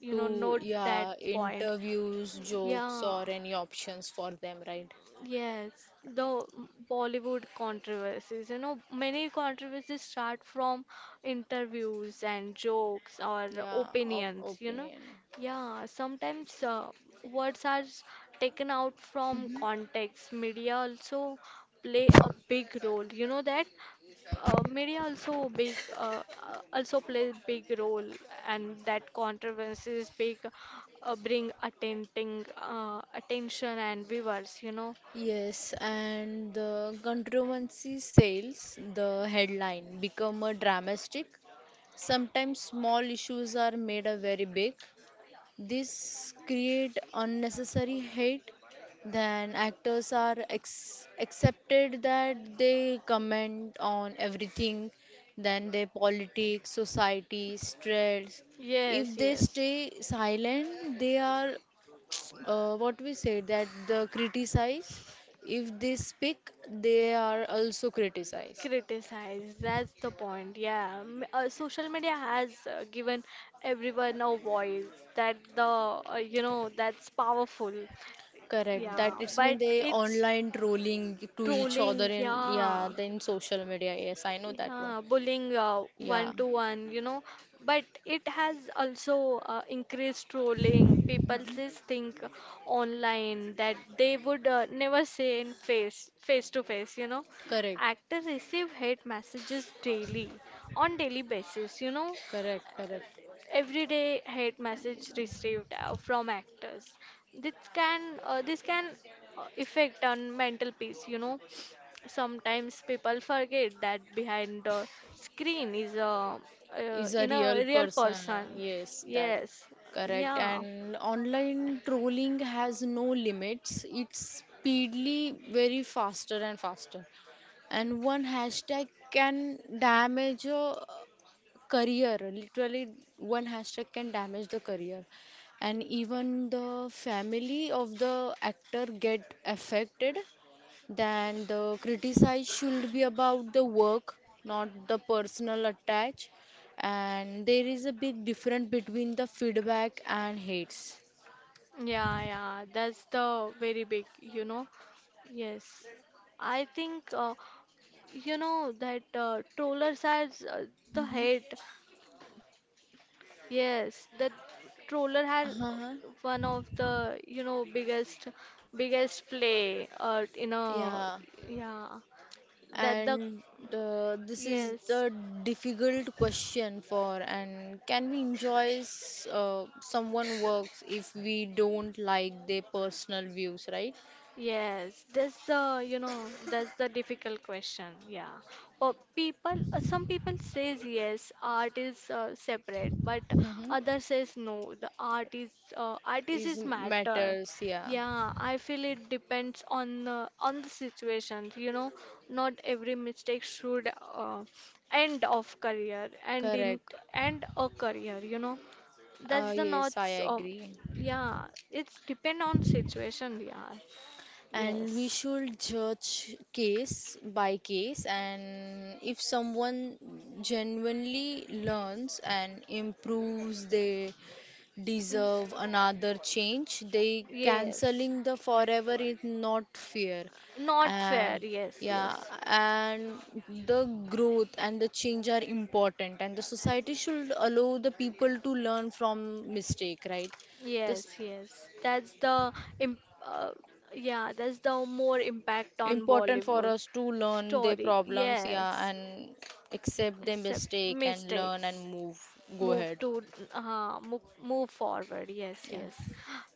Speaker 1: you know,
Speaker 2: To
Speaker 1: note that
Speaker 2: yeah
Speaker 1: point.
Speaker 2: interviews, jokes,
Speaker 1: Yeah.
Speaker 2: or any options for them, right?
Speaker 1: Yes, the Bollywood controversies. You know, many controversies start from interviews and jokes or
Speaker 2: Yeah, op
Speaker 1: opinions, you know.
Speaker 2: opinion.
Speaker 1: Yeah, sometimes uh, words are s- taken out from
Speaker 2: Mm-hmm.
Speaker 1: context. Media also play a big role. You know that uh, media also big uh, uh, also play big role, and that controversies big uh, bring attending uh, attention and viewers. You know.
Speaker 2: Yes, and the controversy sales, the headline, become a dramatic. Sometimes small issues are made a very big. This create unnecessary hate. Then actors are ex- accepted that they comment on everything, then their politics, society, stress. If
Speaker 1: Yes,
Speaker 2: they
Speaker 1: yes.
Speaker 2: stay silent, they are uh, what we said that the criticize if they speak they are also criticized
Speaker 1: Criticize. That's the point. Yeah. M- Uh, social media has uh, given everyone a voice that the, uh, you know, that's powerful.
Speaker 2: correct that
Speaker 1: Yeah.
Speaker 2: it's mean
Speaker 1: But
Speaker 2: they
Speaker 1: it's
Speaker 2: online trolling to each other
Speaker 1: trolling.
Speaker 2: in yeah
Speaker 1: Yeah.
Speaker 2: then social media yes I know that one
Speaker 1: Yeah, bullying uh,
Speaker 2: yeah
Speaker 1: one to one, you know, but it has also uh, increased trolling. People just think online that they would uh, never say in face face to face, you know.
Speaker 2: correct
Speaker 1: Actors receive hate messages daily on daily basis, you know,
Speaker 2: correct correct
Speaker 1: everyday hate message received uh, from actors. This can uh, this can uh, affect on mental peace, you know. Sometimes people forget that behind the screen is a uh,
Speaker 2: is a
Speaker 1: in a
Speaker 2: real
Speaker 1: real
Speaker 2: person uh,
Speaker 1: person,
Speaker 2: yes that
Speaker 1: yes,
Speaker 2: correct
Speaker 1: yeah,
Speaker 2: and online trolling has no limits it's speedily very faster and faster and one hashtag can damage a career literally one hashtag can damage the career and even the family of the actor get affected then the criticize should be about the work not the personal attach and there is a big difference between the feedback and hates.
Speaker 1: yeah, yeah. That's the very big, you know. Yes, I think uh, you know that uh, trollers are uh, the
Speaker 2: Mhm.
Speaker 1: hate. Yes, the troller had
Speaker 2: Uh-huh.
Speaker 1: one of the, you know, biggest biggest play uh, in a,
Speaker 2: Yeah.
Speaker 1: yeah, that the,
Speaker 2: And uh, this is
Speaker 1: yes.
Speaker 2: the difficult question for and can we enjoy s- uh, someone works if we don't like their personal views, right?
Speaker 1: Yes, that's the, you know, that's the difficult question. Yeah. Well, people, uh, some people says yes, art is uh, separate, but
Speaker 2: hmm
Speaker 1: other says no, the art is, uh, artist
Speaker 2: Is
Speaker 1: is matter.
Speaker 2: matters, yeah.
Speaker 1: Yeah, I feel it depends on uh, on the situation, you know, not every mistake should uh, end of career and in
Speaker 2: Correct.
Speaker 1: end a career, you know. That's
Speaker 2: Uh,
Speaker 1: the not,
Speaker 2: yes, I
Speaker 1: um,
Speaker 2: agree.
Speaker 1: yeah, it's depend on situation, yeah.
Speaker 2: And
Speaker 1: Yes.
Speaker 2: we should judge case by case, and if someone genuinely learns and improves their
Speaker 1: Mm, s-
Speaker 2: deserve another change. They
Speaker 1: Yes.
Speaker 2: canceling the forever is not fair.
Speaker 1: Not fair.
Speaker 2: And
Speaker 1: Yes,
Speaker 2: yeah,
Speaker 1: yes.
Speaker 2: and the growth and the change are important, and the society should allow the people to learn from mistake, right? This
Speaker 1: Yes, yes. That's the imp uh, yeah, that's the more impact on
Speaker 2: important for
Speaker 1: Bollywood
Speaker 2: us to learn their
Speaker 1: story.
Speaker 2: problems,
Speaker 1: Yes.
Speaker 2: yeah, and accept their
Speaker 1: Sep-
Speaker 2: mistake and learn and
Speaker 1: mistakes.
Speaker 2: move, go
Speaker 1: Move
Speaker 2: ahead.
Speaker 1: to uh, move, move forward. Yes,
Speaker 2: Yeah.
Speaker 1: yes.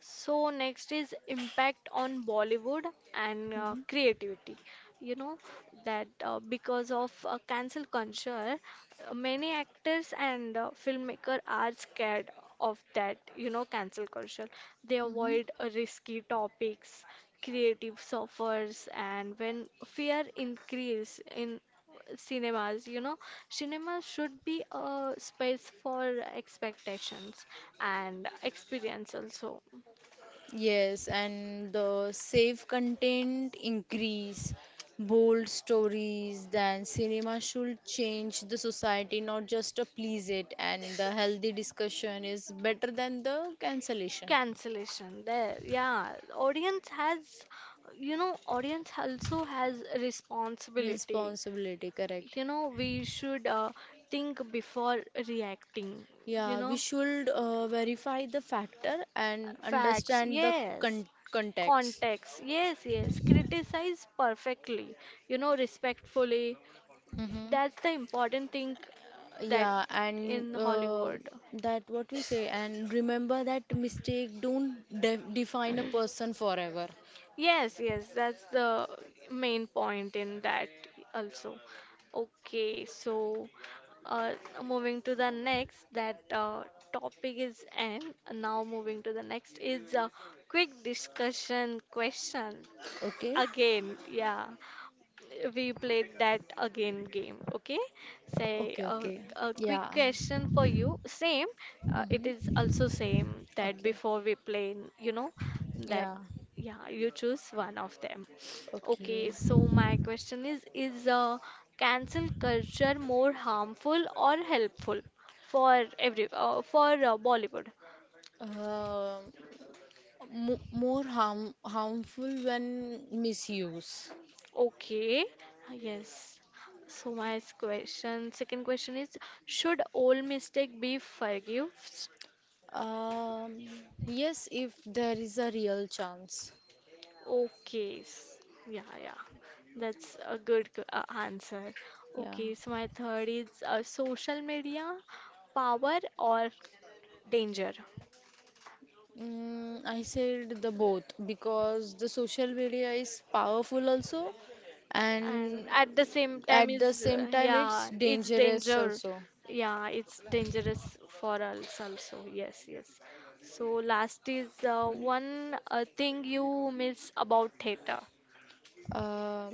Speaker 1: So next is impact on Bollywood and uh, creativity. You know that uh, because of uh, cancel culture, uh, many actors and uh, filmmaker are scared of that. You know cancel culture. They
Speaker 2: Mhm.
Speaker 1: avoid uh, risky topics, creative suffers, and when fear increase in cinemas, you know, cinema should be a space for expectations and experience also
Speaker 2: Yes, and the safe content increase, bold stories, then cinema should change the society, not just to please it. And the healthy discussion is better than the cancellation.
Speaker 1: cancellation there, yeah, audience has, you know, audience also has a responsibility.
Speaker 2: Responsibility, correct.
Speaker 1: You know, we should uh, think before reacting, you
Speaker 2: Yeah, we
Speaker 1: know,
Speaker 2: should uh, verify the factor and
Speaker 1: facts,
Speaker 2: understand the
Speaker 1: yes,
Speaker 2: con- context.
Speaker 1: context, yes, yes, criticize perfectly, you know, respectfully.
Speaker 2: Mm-hmm.
Speaker 1: That's the important thing that
Speaker 2: Yeah, and
Speaker 1: in
Speaker 2: uh,
Speaker 1: Hollywood.
Speaker 2: that what we say, and remember that mistake don't de define a person forever.
Speaker 1: Yes, yes, that's the main point in that also. Okay, so uh, moving to the next, that uh, topic is end. Now moving to the next is a quick discussion question
Speaker 2: Okay?
Speaker 1: again. Yeah, we played that again game. Okay, say
Speaker 2: Okay,
Speaker 1: uh,
Speaker 2: okay.
Speaker 1: a quick
Speaker 2: Yeah.
Speaker 1: question for you, same. Uh, it is
Speaker 2: Mm-hmm.
Speaker 1: also same that
Speaker 2: Okay.
Speaker 1: before we play, you know, that
Speaker 2: Yeah.
Speaker 1: yeah you choose one of them. Okay,
Speaker 2: Okay.
Speaker 1: so my question is is uh, cancel culture more harmful or helpful for every uh, for uh, Bollywood.
Speaker 2: Uh, mo More harm harmful when misuse.
Speaker 1: Okay, ah, yes. So my s- question, second question is, should all mistake be forgiven?
Speaker 2: Um, yes, if there is a real chance.
Speaker 1: Okay, s- yeah, yeah. That's a good q- uh, answer.
Speaker 2: Yeah.
Speaker 1: Okay, so my third is uh, social media power or danger?
Speaker 2: Mm, I said the both because the social media is powerful also
Speaker 1: And
Speaker 2: and
Speaker 1: at the same time
Speaker 2: at the
Speaker 1: is uh,
Speaker 2: same time
Speaker 1: yeah,
Speaker 2: it's
Speaker 1: it's
Speaker 2: dangerous
Speaker 1: danger.
Speaker 2: also.
Speaker 1: Yeah, it's dangerous for us also, yes, yes. So last is uh, one uh, thing you miss about theater.
Speaker 2: Uh,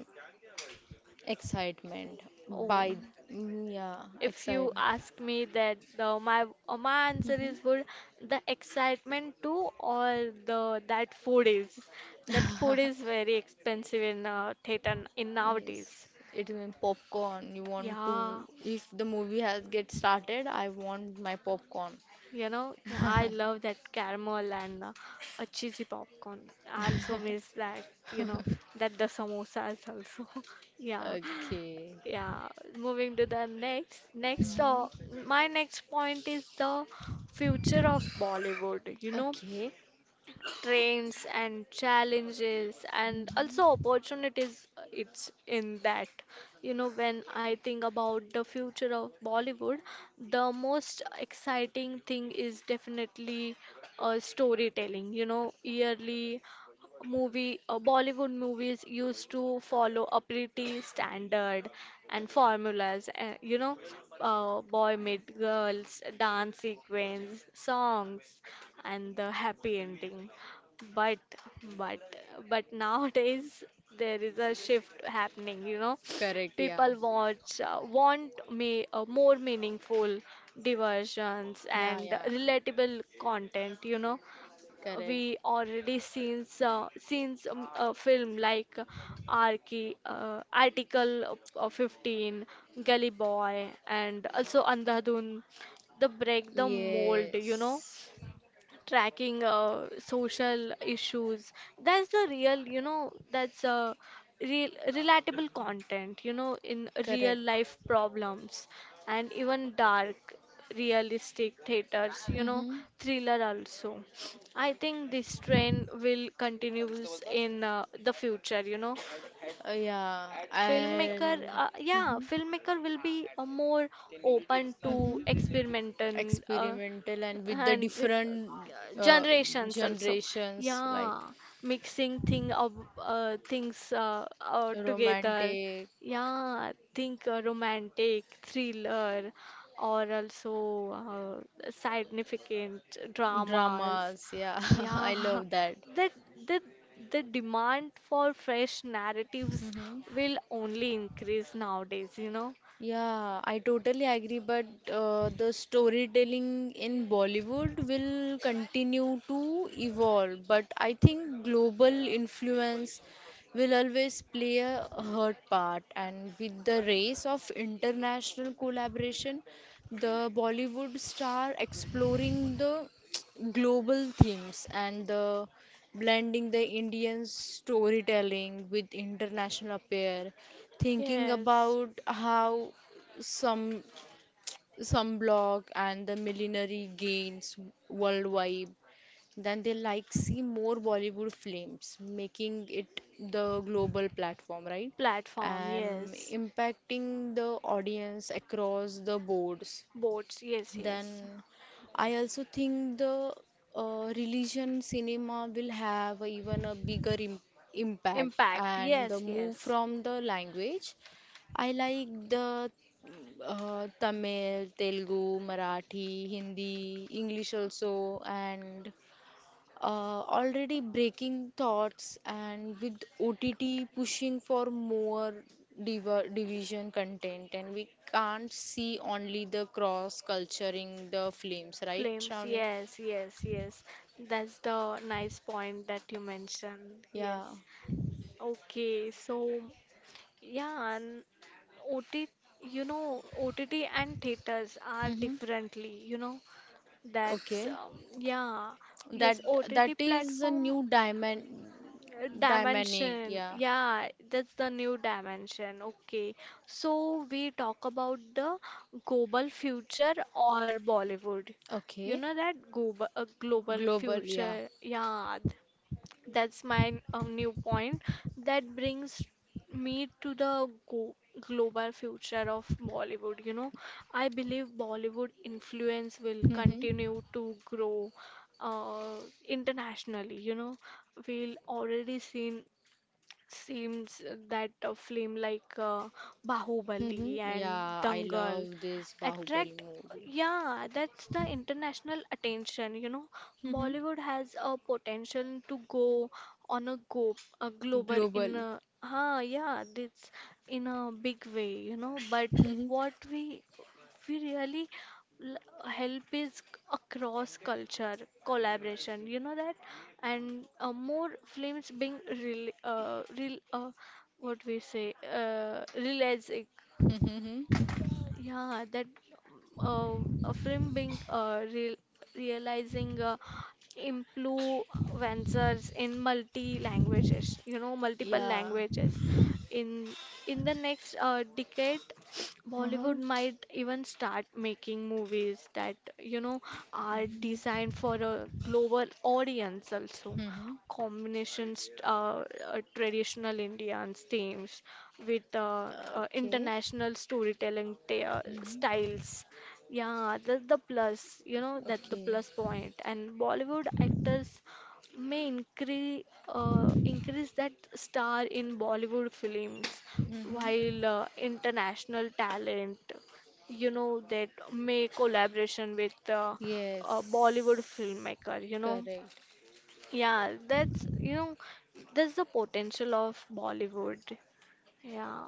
Speaker 2: Excitement
Speaker 1: Oh,
Speaker 2: by mm, yeah,
Speaker 1: if you
Speaker 2: excite.
Speaker 1: ask me that the my uh, my answer is
Speaker 2: Hmm.
Speaker 1: would the excitement too or the that food is that food is very expensive in uh, theater, n- in
Speaker 2: Yes,
Speaker 1: nowadays,
Speaker 2: it even popcorn. You want
Speaker 1: yeah.
Speaker 2: to if the movie has get started, I want my popcorn.
Speaker 1: You know, yeah, I love that caramel and uh, a cheesy popcorn. I also miss that, you know, that the samosas also. [laughs] Yeah,
Speaker 2: Okay.
Speaker 1: yeah. Moving to the next, next, uh,
Speaker 2: Hmm.
Speaker 1: My next point is the future of Bollywood. You know,
Speaker 2: Okay.
Speaker 1: trains and challenges and also
Speaker 2: Hmm.
Speaker 1: opportunities, uh, it's in that. You know, when I think about the future of Bollywood, the most exciting thing is definitely uh, storytelling. You know, yearly movie, uh, Bollywood movies used to follow a pretty standard and formulas, uh, you know, uh, boy meet girls, dance sequence songs and the happy ending. But but but nowadays there is a shift happening, you know.
Speaker 2: Correct, yeah.
Speaker 1: People watch, uh, want me uh, more meaningful diversions
Speaker 2: Yeah,
Speaker 1: and
Speaker 2: yeah.
Speaker 1: relatable content. You know,
Speaker 2: Correct.
Speaker 1: we already seen uh, seen some uh, film like Arki, uh, article uh, fifteen, Gully Boy and also Andhadhun, the break the mold, you know,
Speaker 2: Yes,
Speaker 1: tracking uh, social issues. That's the real, you know, that's uh, real relatable content, you know, in real
Speaker 2: correct.
Speaker 1: life problems, and even dark realistic theaters, you know,
Speaker 2: Mm-hmm.
Speaker 1: thriller also. I think this trend will continues in uh, the future, you know.
Speaker 2: Uh, yeah,
Speaker 1: Filmmaker,
Speaker 2: and
Speaker 1: uh,
Speaker 2: hmm
Speaker 1: yeah,
Speaker 2: hmm
Speaker 1: filmmaker will be uh, more open to experimenting, uh,
Speaker 2: experimental and with the
Speaker 1: and with
Speaker 2: different
Speaker 1: uh,
Speaker 2: uh,
Speaker 1: generations also.
Speaker 2: generations like
Speaker 1: Yeah, mixing thing of uh, things uh, uh, together.
Speaker 2: romantic
Speaker 1: Yeah, think uh, romantic, thriller, or also uh, significant dramas.
Speaker 2: dramas. Yeah, [laughs] I
Speaker 1: Yeah,
Speaker 2: love that.
Speaker 1: [laughs] the, the, the demand for fresh narratives
Speaker 2: Mm-hmm.
Speaker 1: will only increase nowadays, you know.
Speaker 2: Yeah, I totally agree, but uh, the storytelling in Bollywood will continue to evolve. But I think global influence will always play a hurt part. And with the race of international collaboration, the Bollywood star exploring the [tsk] global themes and the blending the Indian storytelling with international appeal thinking
Speaker 1: Yes,
Speaker 2: about how some sunblock and the millinery gains worldwide, then they like see more Bollywood films, making it the global platform, right?
Speaker 1: platform,
Speaker 2: And
Speaker 1: yes,
Speaker 2: impacting the audience across the boards.
Speaker 1: boats, yes, yes,
Speaker 2: Then I also think the uh, religion cinema will have even a bigger im impact
Speaker 1: impact,
Speaker 2: and the
Speaker 1: yes,
Speaker 2: move
Speaker 1: yes,
Speaker 2: from the language. I like the uh, Tamil, Telugu, Marathi, Hindi, English also, and uh, already breaking thoughts and with O T T pushing for more div- division content and we can't see only the cross culture in the films, right,
Speaker 1: flames,
Speaker 2: Shravani?
Speaker 1: yes, yes, yes. That's the nice point that you mentioned, yes.
Speaker 2: Yeah.
Speaker 1: Okay, so yeah, and O T, you know, O T T and theaters are
Speaker 2: Mm-hmm.
Speaker 1: differently, you know. That's
Speaker 2: Okay,
Speaker 1: um, yeah,
Speaker 2: that
Speaker 1: yes,
Speaker 2: that
Speaker 1: O T T
Speaker 2: is a
Speaker 1: platform,
Speaker 2: new diamond
Speaker 1: uh,
Speaker 2: dynamic,
Speaker 1: dimension.
Speaker 2: yeah.
Speaker 1: Yeah, that's the new dimension. Okay, so we talk about the global future or Bollywood. You
Speaker 2: Okay.
Speaker 1: know that global uh, global
Speaker 2: Global, yeah.
Speaker 1: future. Yeah, that's my uh, new point. That brings me to the go global future of Bollywood. You know, I believe Bollywood influence will
Speaker 2: Mm-hmm.
Speaker 1: continue to grow uh, internationally. You know, we'll already seen seems that a film like uh, Bahubali
Speaker 2: Mm-hmm.
Speaker 1: and
Speaker 2: Yeah, I
Speaker 1: Dangal
Speaker 2: love this Bahubali
Speaker 1: attract,
Speaker 2: movie.
Speaker 1: yeah, that's the international attention, you know.
Speaker 2: Mm-hmm.
Speaker 1: Bollywood has a potential to go on a go a global in
Speaker 2: Global.
Speaker 1: a huh, yeah, this in a big way, you know. But
Speaker 2: Mm-hmm.
Speaker 1: what we we really L- help is across culture collaboration, you know, that and uh, more films being real uh, real uh, what we say, uh, realistic.
Speaker 2: Mm-hmm.
Speaker 1: Yeah, that uh, a film being uh, real realizing uh, influencers in multi languages, you know, multiple
Speaker 2: Yeah.
Speaker 1: languages. In in the next uh, decade, [sniffs]
Speaker 2: Uh-huh.
Speaker 1: Bollywood might even start making movies that, you know, are designed for a global audience also,
Speaker 2: Mm-hmm.
Speaker 1: combinations, uh, uh, traditional Indian themes with uh, uh,
Speaker 2: Okay.
Speaker 1: international storytelling t- uh,
Speaker 2: Mm-hmm.
Speaker 1: styles. Yeah, that's the plus, you know, that's the
Speaker 2: Okay.
Speaker 1: plus point. And Bollywood actors may increase uh, increase that star in Bollywood films,
Speaker 2: Mm-hmm.
Speaker 1: while uh, international talent, you know, that may collaboration with uh, a Bollywood
Speaker 2: Yes.
Speaker 1: filmmaker, you know.
Speaker 2: Correct.
Speaker 1: Yeah, that's, you know, that's the potential of Bollywood. Yeah,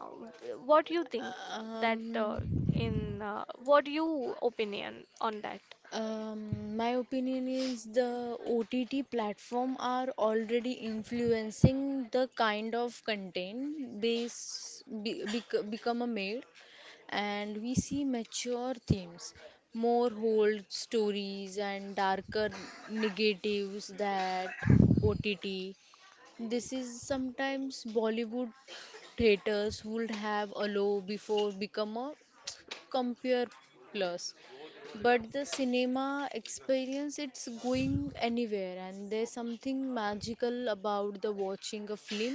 Speaker 1: what do you think that
Speaker 2: Um,
Speaker 1: uh, in uh, what you opinion on that?
Speaker 2: um, my opinion is the O T T platform are already influencing the kind of content base be, bec become a made. And we see mature themes, more old stories, and darker negatives that O T T. This is sometimes Bollywood theaters would have allow before become a compare plus but the cinema experience it's going anywhere and there's something magical about the watching a film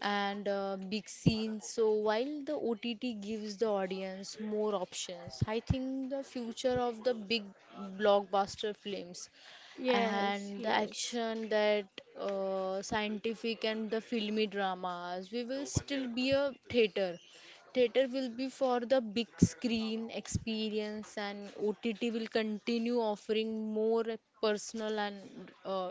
Speaker 2: and uh, big scenes. So while the O T T gives the audience more options, I think the future of the big blockbuster films
Speaker 1: Yes,
Speaker 2: and the
Speaker 1: yes.
Speaker 2: action that uh, scientific and the filmy dramas, we will still be a theater. Theater will be for the big screen experience, and O T T will continue offering more personal and uh,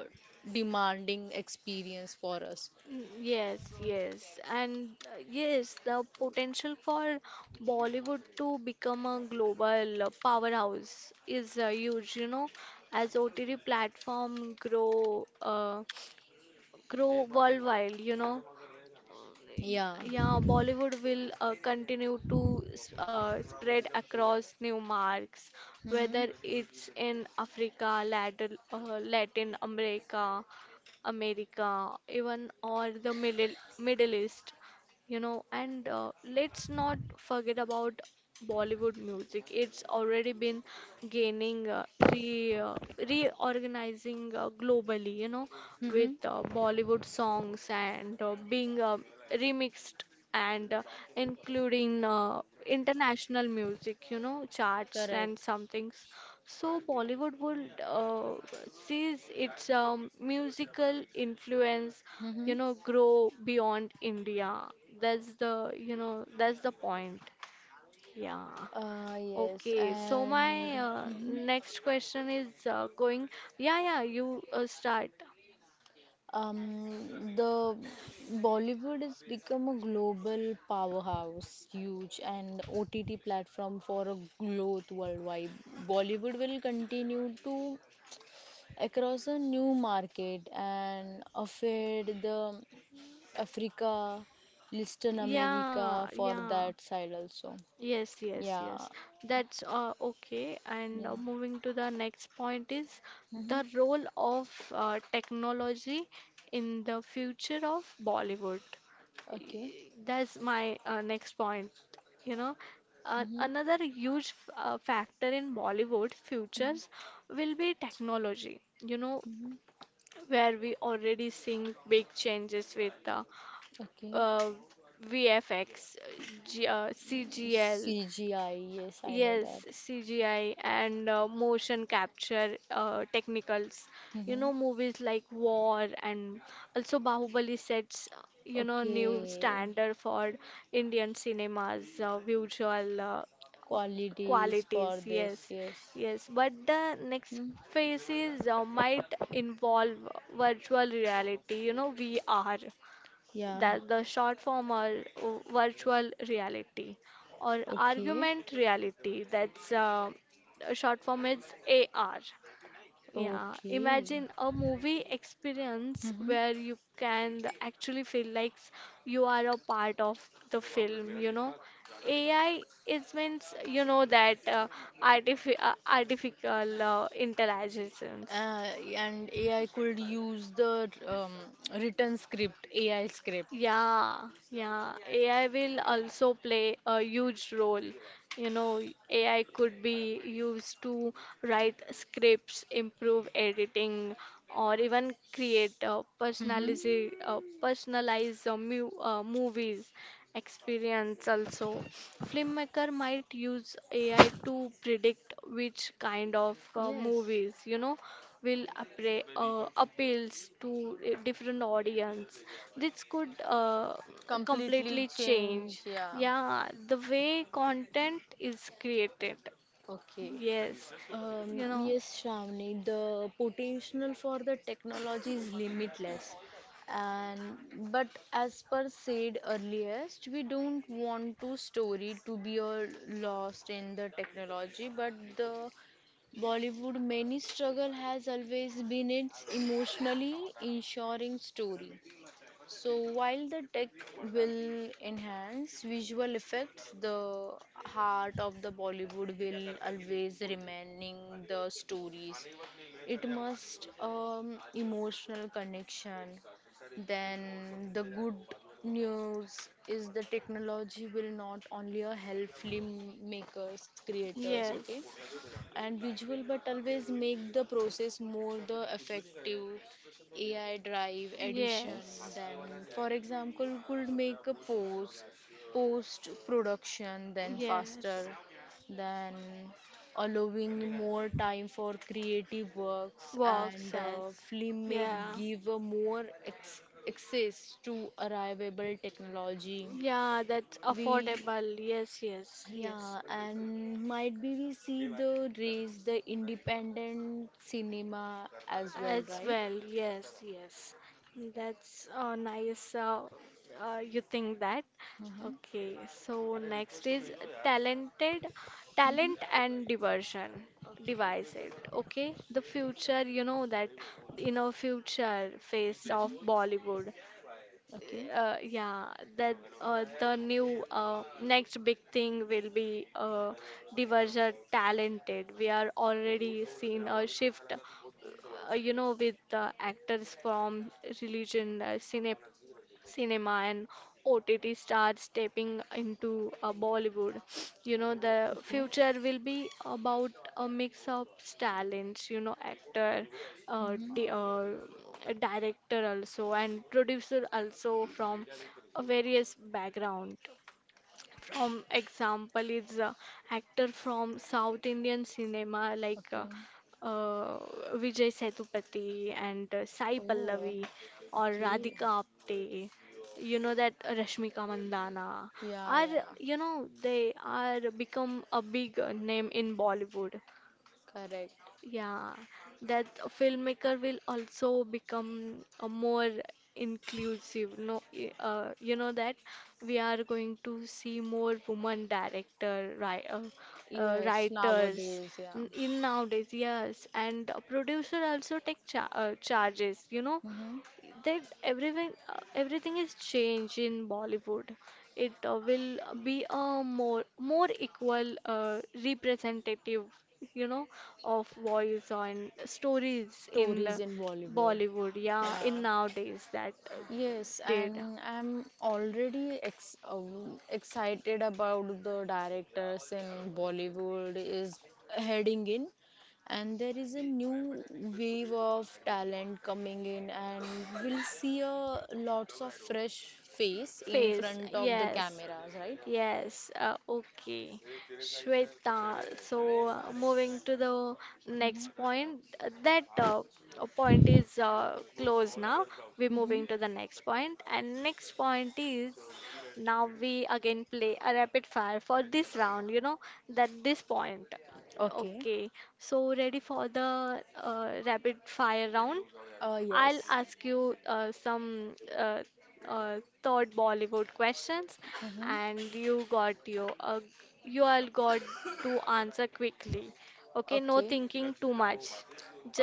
Speaker 2: demanding experience for us.
Speaker 1: Mm, yes, yes, and uh, yes, the potential for Bollywood to become a global uh, powerhouse is uh, huge, you know, as O T T platform grow uh, grow worldwide, you know.
Speaker 2: Yeah.
Speaker 1: Yeah, Bollywood will uh, continue to s- uh, spread across new marks,
Speaker 2: Mm-hmm.
Speaker 1: whether it's in Africa, Latin, uh, Latin America, America, even or the Middle Middle East, you know, and uh, let's not forget about Bollywood music. It's already been gaining uh, re uh, reorganizing uh, globally, you know, with
Speaker 2: Mm-hmm.
Speaker 1: uh, Bollywood songs and uh, being uh, remixed and uh, including uh, international music, you know, charts and
Speaker 2: Correct.
Speaker 1: some things. So Bollywood would uh, sees its um, musical influence, you
Speaker 2: Mm-hmm.
Speaker 1: know, grow beyond India. That's the, you know, that's the point. Yeah.
Speaker 2: Uh, yes,
Speaker 1: Okay. So my
Speaker 2: and
Speaker 1: uh,
Speaker 2: mm-hmm.
Speaker 1: next question is uh, going. Yeah, yeah. You uh, start.
Speaker 2: Um, the Bollywood has become a global powerhouse, huge, and O T T platform for a growth worldwide. Bollywood will continue to across a new market and affect the Africa, Latin
Speaker 1: Yeah,
Speaker 2: America for
Speaker 1: yeah.
Speaker 2: that side also.
Speaker 1: Yes, yes,
Speaker 2: Yeah,
Speaker 1: yes. That's uh, okay. And uh,
Speaker 2: yeah.
Speaker 1: moving to the next point is the
Speaker 2: Mm-hmm.
Speaker 1: role of uh, technology in the future of Bollywood. Y-
Speaker 2: Okay.
Speaker 1: that's my uh, next point. You know, uh,
Speaker 2: Hmm
Speaker 1: another huge f- uh, factor in Bollywood futures
Speaker 2: hmm
Speaker 1: will be technology. You know,
Speaker 2: hmm.
Speaker 1: where we already seeing big changes with uh,
Speaker 2: Okay.
Speaker 1: uh, V F X, uh, C G L,
Speaker 2: C G I, yes, I know
Speaker 1: yes,
Speaker 2: that.
Speaker 1: C G I and uh, motion capture uh, technicals. You know,
Speaker 2: Hmm.
Speaker 1: movies like War and also Bahubali sets, uh, you know, new
Speaker 2: Okay.
Speaker 1: standard for Indian cinema's uh, visual uh,
Speaker 2: Qualities
Speaker 1: qualities.
Speaker 2: for
Speaker 1: Yes,
Speaker 2: this, yes.
Speaker 1: yes. But the next
Speaker 2: Hmm.
Speaker 1: phases uh, might involve virtual reality, you know, V R,
Speaker 2: Yeah.
Speaker 1: that the short form, or uh, virtual reality or
Speaker 2: Okay.
Speaker 1: argument reality, that's uh, a short form is A R. Yeah,
Speaker 2: Okay.
Speaker 1: imagine a movie experience
Speaker 2: Hmm.
Speaker 1: where you can actually feel like you are a part of the film, you know. A I is means, you know, that uh, artifi uh, artificial uh, intelligence.
Speaker 2: Uh, and A I could use the um, written script, A I script.
Speaker 1: Yeah, yeah. A I will also play a huge role. You know, A I could be used to write scripts, improve editing, or even create uh,
Speaker 2: Hmm.
Speaker 1: personalize, uh, personalized uh, mu uh, movies experience also. Filmmaker might use A I to predict which kind of uh,
Speaker 2: Yes.
Speaker 1: movies, you know, will appra- uh, appeals to a different audience. This could uh, completely
Speaker 2: Completely
Speaker 1: change,
Speaker 2: change, yeah.
Speaker 1: yeah, the way content is created.
Speaker 2: Okay.
Speaker 1: Yes,
Speaker 2: Um,
Speaker 1: you know,
Speaker 2: yes, Shravani, the potential for the technology is limitless. And but as per said earliest, we don't want to story to be all lost in the technology. But the Bollywood many struggle has always been its emotionally ensuring story. So while the tech will enhance visual effects, the heart of the Bollywood will always remaining the stories. It must um, emotional connection. Then the good news is the technology will not only help filmmakers, creators, okay,
Speaker 1: yes.
Speaker 2: and visual but always make the process more the effective ai drive edition
Speaker 1: Yes.
Speaker 2: then for example could make a post post production then faster
Speaker 1: Yes.
Speaker 2: then allowing more time for creative works
Speaker 1: Work
Speaker 2: and uh,
Speaker 1: says.
Speaker 2: film make
Speaker 1: Yeah.
Speaker 2: give a more ex- access to arrivable technology
Speaker 1: Yeah, that's
Speaker 2: we
Speaker 1: affordable. Yes, yes, yes.
Speaker 2: yeah, and might be we see the race, the independent cinema as well,
Speaker 1: As
Speaker 2: right?
Speaker 1: well, yes, yes. That's uh, nice. Uh, uh, you think that?
Speaker 2: Mm-hmm.
Speaker 1: Okay, so next is talented,
Speaker 2: Mm-hmm.
Speaker 1: talent and diversion. Devise
Speaker 2: Okay.
Speaker 1: it, okay? The future, you know, that in our future face of Bollywood,
Speaker 2: Okay.
Speaker 1: uh, yeah, that uh, the new uh, next big thing will be uh, diverger talented. We are already seeing a shift, uh, you know, with the actors from religion uh, cinema cinema and O T T stars stepping into uh, Bollywood. You know, the
Speaker 2: Okay.
Speaker 1: future will be about a mix of talents, you know, actor, uh,
Speaker 2: Mm-hmm.
Speaker 1: di uh, director also, and producer also from uh, various background. From example is uh, actor from South Indian cinema, like uh,
Speaker 2: Okay.
Speaker 1: uh, Vijay Sethupathi and uh, Sai
Speaker 2: Oh.
Speaker 1: Pallavi or
Speaker 2: Okay.
Speaker 1: Radhika Apte. You know that Rashmika Mandana
Speaker 2: Yeah,
Speaker 1: are,
Speaker 2: yeah.
Speaker 1: you know, they are become a big uh, name in Bollywood.
Speaker 2: Correct.
Speaker 1: Yeah, that filmmaker will also become a more inclusive. No, y- uh, you know that we are going to see more woman director, right, uh, uh,
Speaker 2: Yes,
Speaker 1: writers
Speaker 2: nowadays, yeah.
Speaker 1: n- in nowadays. Yes, and a producer also take cha uh, charges. You know,
Speaker 2: Mm-hmm.
Speaker 1: that everything uh, everything is changed in Bollywood. It uh, will be a more more equal uh, representative, you know, of voice on stories in the
Speaker 2: Stories in Bollywood.
Speaker 1: Bollywood. Yeah, in
Speaker 2: Yeah.
Speaker 1: nowadays that uh,
Speaker 2: Yes,
Speaker 1: did.
Speaker 2: and I'm already ex um, excited about the directors in Bollywood is heading in, and there is a new wave of talent coming in, and we'll see a lots of fresh face in
Speaker 1: Face,
Speaker 2: front of the
Speaker 1: yes.
Speaker 2: cameras, right?
Speaker 1: Yes, uh, okay. Shweta, so uh, moving to the next
Speaker 2: Mm-hmm.
Speaker 1: point, uh, that uh, uh, point is uh, closed now. We're moving
Speaker 2: Mm-hmm.
Speaker 1: to the next point, and next point is now we again play a rapid fire for this round, you know, that this point.
Speaker 2: Okay.
Speaker 1: Okay, so ready for the uh, rapid fire round?
Speaker 2: Uh,
Speaker 1: I'll
Speaker 2: yes.
Speaker 1: ask you uh, some uh, uh, thought Bollywood questions,
Speaker 2: Mm-hmm.
Speaker 1: and you got your uh, you all got to answer quickly. Okay, no
Speaker 2: Okay.
Speaker 1: thinking too much,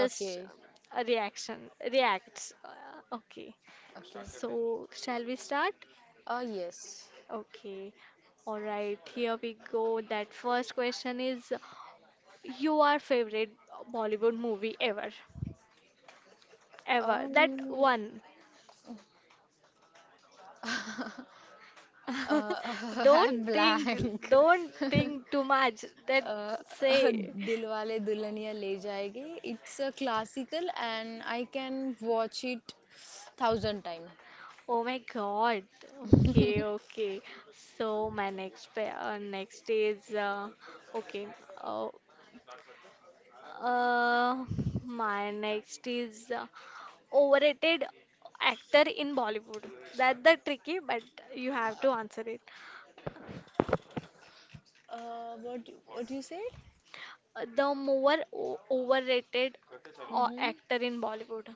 Speaker 1: just a reaction reacts. Uh, okay,
Speaker 2: Okay.
Speaker 1: so shall we start?
Speaker 2: Uh, yes.
Speaker 1: Okay, all right. Here we go. That first question is, you are favorite Bollywood movie ever, ever that
Speaker 2: Um,
Speaker 1: one.
Speaker 2: uh,
Speaker 1: [laughs]
Speaker 2: [laughs]
Speaker 1: Don't
Speaker 2: I'm
Speaker 1: think,
Speaker 2: blank.
Speaker 1: don't think too much. That
Speaker 2: [laughs] uh, [laughs]
Speaker 1: say,
Speaker 2: Dilwale Dulhaniya Le Jayenge. It's a classical and I can watch it thousand times.
Speaker 1: oh my God. Okay, okay. So my next pa- uh, next is uh, okay. Uh, uh, my next is uh, overrated actor in Bollywood. That's the tricky, but you have to answer it.
Speaker 2: Uh, what what you said?
Speaker 1: Uh, The more o- overrated uh,
Speaker 2: Hmm.
Speaker 1: actor in Bollywood.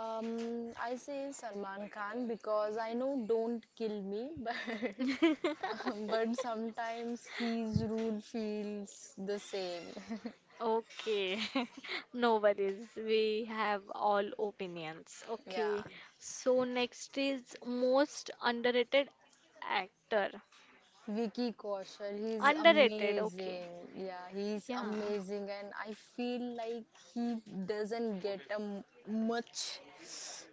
Speaker 2: Um, I say Salman Khan because I know don't kill me, [laughs] but
Speaker 1: [laughs]
Speaker 2: but sometimes his rule feels the same. [laughs]
Speaker 1: Okay, [laughs] no worries. We have all opinions. Okay,
Speaker 2: Yeah.
Speaker 1: so next is most underrated actor.
Speaker 2: Vicky Kaushal, he's
Speaker 1: Underrated, okay.
Speaker 2: amazing. Yeah, he's
Speaker 1: Yeah,
Speaker 2: amazing, and I feel like he doesn't get a m- much,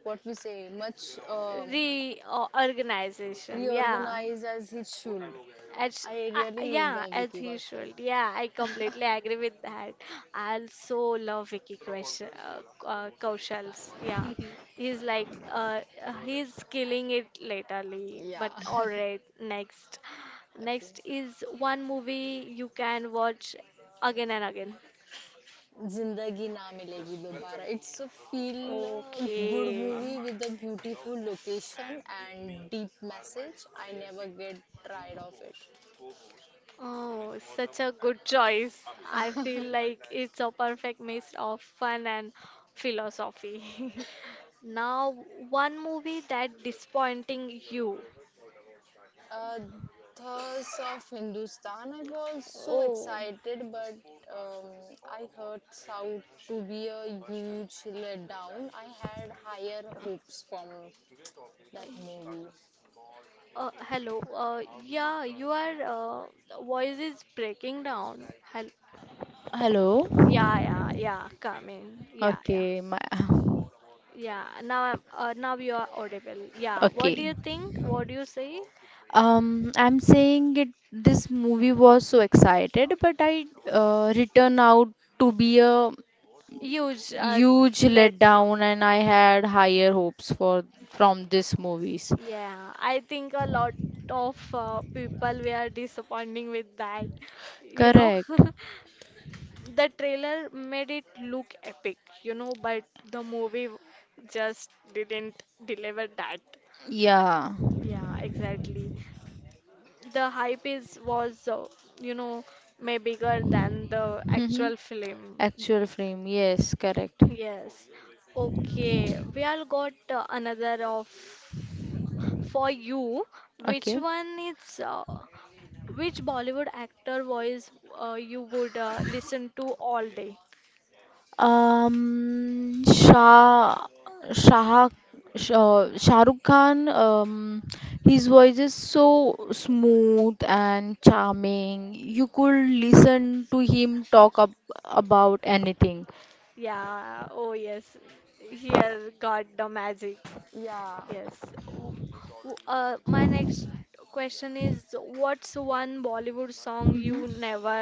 Speaker 2: what we say, much um,
Speaker 1: reorganization. Yeah,
Speaker 2: reorganized as he should.
Speaker 1: As,
Speaker 2: I
Speaker 1: I
Speaker 2: really
Speaker 1: yeah,
Speaker 2: love
Speaker 1: as
Speaker 2: Vicky
Speaker 1: he
Speaker 2: Kaushal.
Speaker 1: should. Yeah, I completely agree with that. I also love Vicky Kaushal. Uh, uh, Kaushal's. Yeah, he's like uh, uh, he's killing it lately.
Speaker 2: Yeah.
Speaker 1: But all right,
Speaker 2: [laughs]
Speaker 1: next,
Speaker 2: Okay.
Speaker 1: next is one movie you can watch again and again.
Speaker 2: जिंदगी ना मिलेगी दोबारा it's a feel good
Speaker 1: Okay.
Speaker 2: movie with a beautiful location and deep message. I never get tired of
Speaker 1: Oh, such a good choice. I
Speaker 2: it.
Speaker 1: feel
Speaker 2: [laughs]
Speaker 1: like it's a perfect mix of fun and philosophy. [laughs] Now, one movie that disappointing you.
Speaker 2: Uh, Thirst of Hindustan. I was so
Speaker 1: Oh,
Speaker 2: excited, but um, I heard South to be a huge letdown. I had higher hopes from that movie.
Speaker 1: uh, hello. Uh, yeah, your uh, voice is breaking down. Hello.
Speaker 2: Hello.
Speaker 1: Yeah, yeah, yeah. Come in. Yeah, yeah,
Speaker 2: Okay, my [laughs]
Speaker 1: yeah. Now, I'm- uh, now you are audible. Yeah. What do
Speaker 2: okay.
Speaker 1: you think? What do you say?
Speaker 2: Um, I'm saying it. This movie was so excited, but I uh, returned out to be a
Speaker 1: Huge uh,
Speaker 2: huge letdown,
Speaker 1: letdown.
Speaker 2: and I had higher hopes for from this movies.
Speaker 1: Yeah, I think a lot of uh, people were disappointing with that. [laughs] You know,
Speaker 2: Correct.
Speaker 1: [laughs] the trailer made it look epic, you know, but the movie just didn't deliver that.
Speaker 2: Yeah.
Speaker 1: Yeah, exactly. The hype is was, uh, you know, may bigger than the
Speaker 2: Mm-hmm.
Speaker 1: actual film.
Speaker 2: Actual frame. Yes, correct.
Speaker 1: Yes. Okay. We all got uh, another of for you. Which
Speaker 2: Okay.
Speaker 1: one is uh, which Bollywood actor voice uh, you would uh, listen to all day?
Speaker 2: Um, Shah, Shah, Shah, Shah Rukh Khan, um, his voice is so smooth and charming. You could listen to him talk ab about anything.
Speaker 1: Yeah. Oh yes. Here got the magic.
Speaker 2: Yeah.
Speaker 1: Yes. W- w- Uh, my next question is what's one Bollywood song
Speaker 2: Mhm.
Speaker 1: you never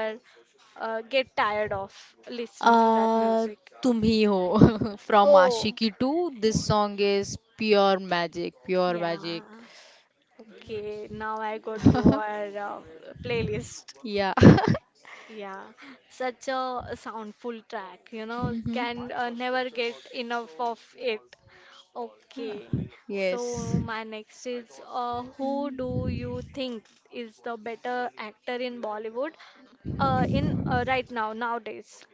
Speaker 1: uh, get tired of listening to that
Speaker 2: Uh,
Speaker 1: music?
Speaker 2: Tum hi ho [laughs] from
Speaker 1: Oh.
Speaker 2: Aashiqui two, this song is pure magic, pure magic.
Speaker 1: Yeah. Okay, now I got your
Speaker 2: [laughs]
Speaker 1: uh, playlist.
Speaker 2: Yeah.
Speaker 1: Yeah, such a soundful track, you know,
Speaker 2: Hmm.
Speaker 1: can uh, never get enough of it.
Speaker 2: Yeah.
Speaker 1: Okay,
Speaker 2: [laughs] Yes.
Speaker 1: so my next is uh, who do you think is the better actor in Bollywood uh, in uh, right now nowadays?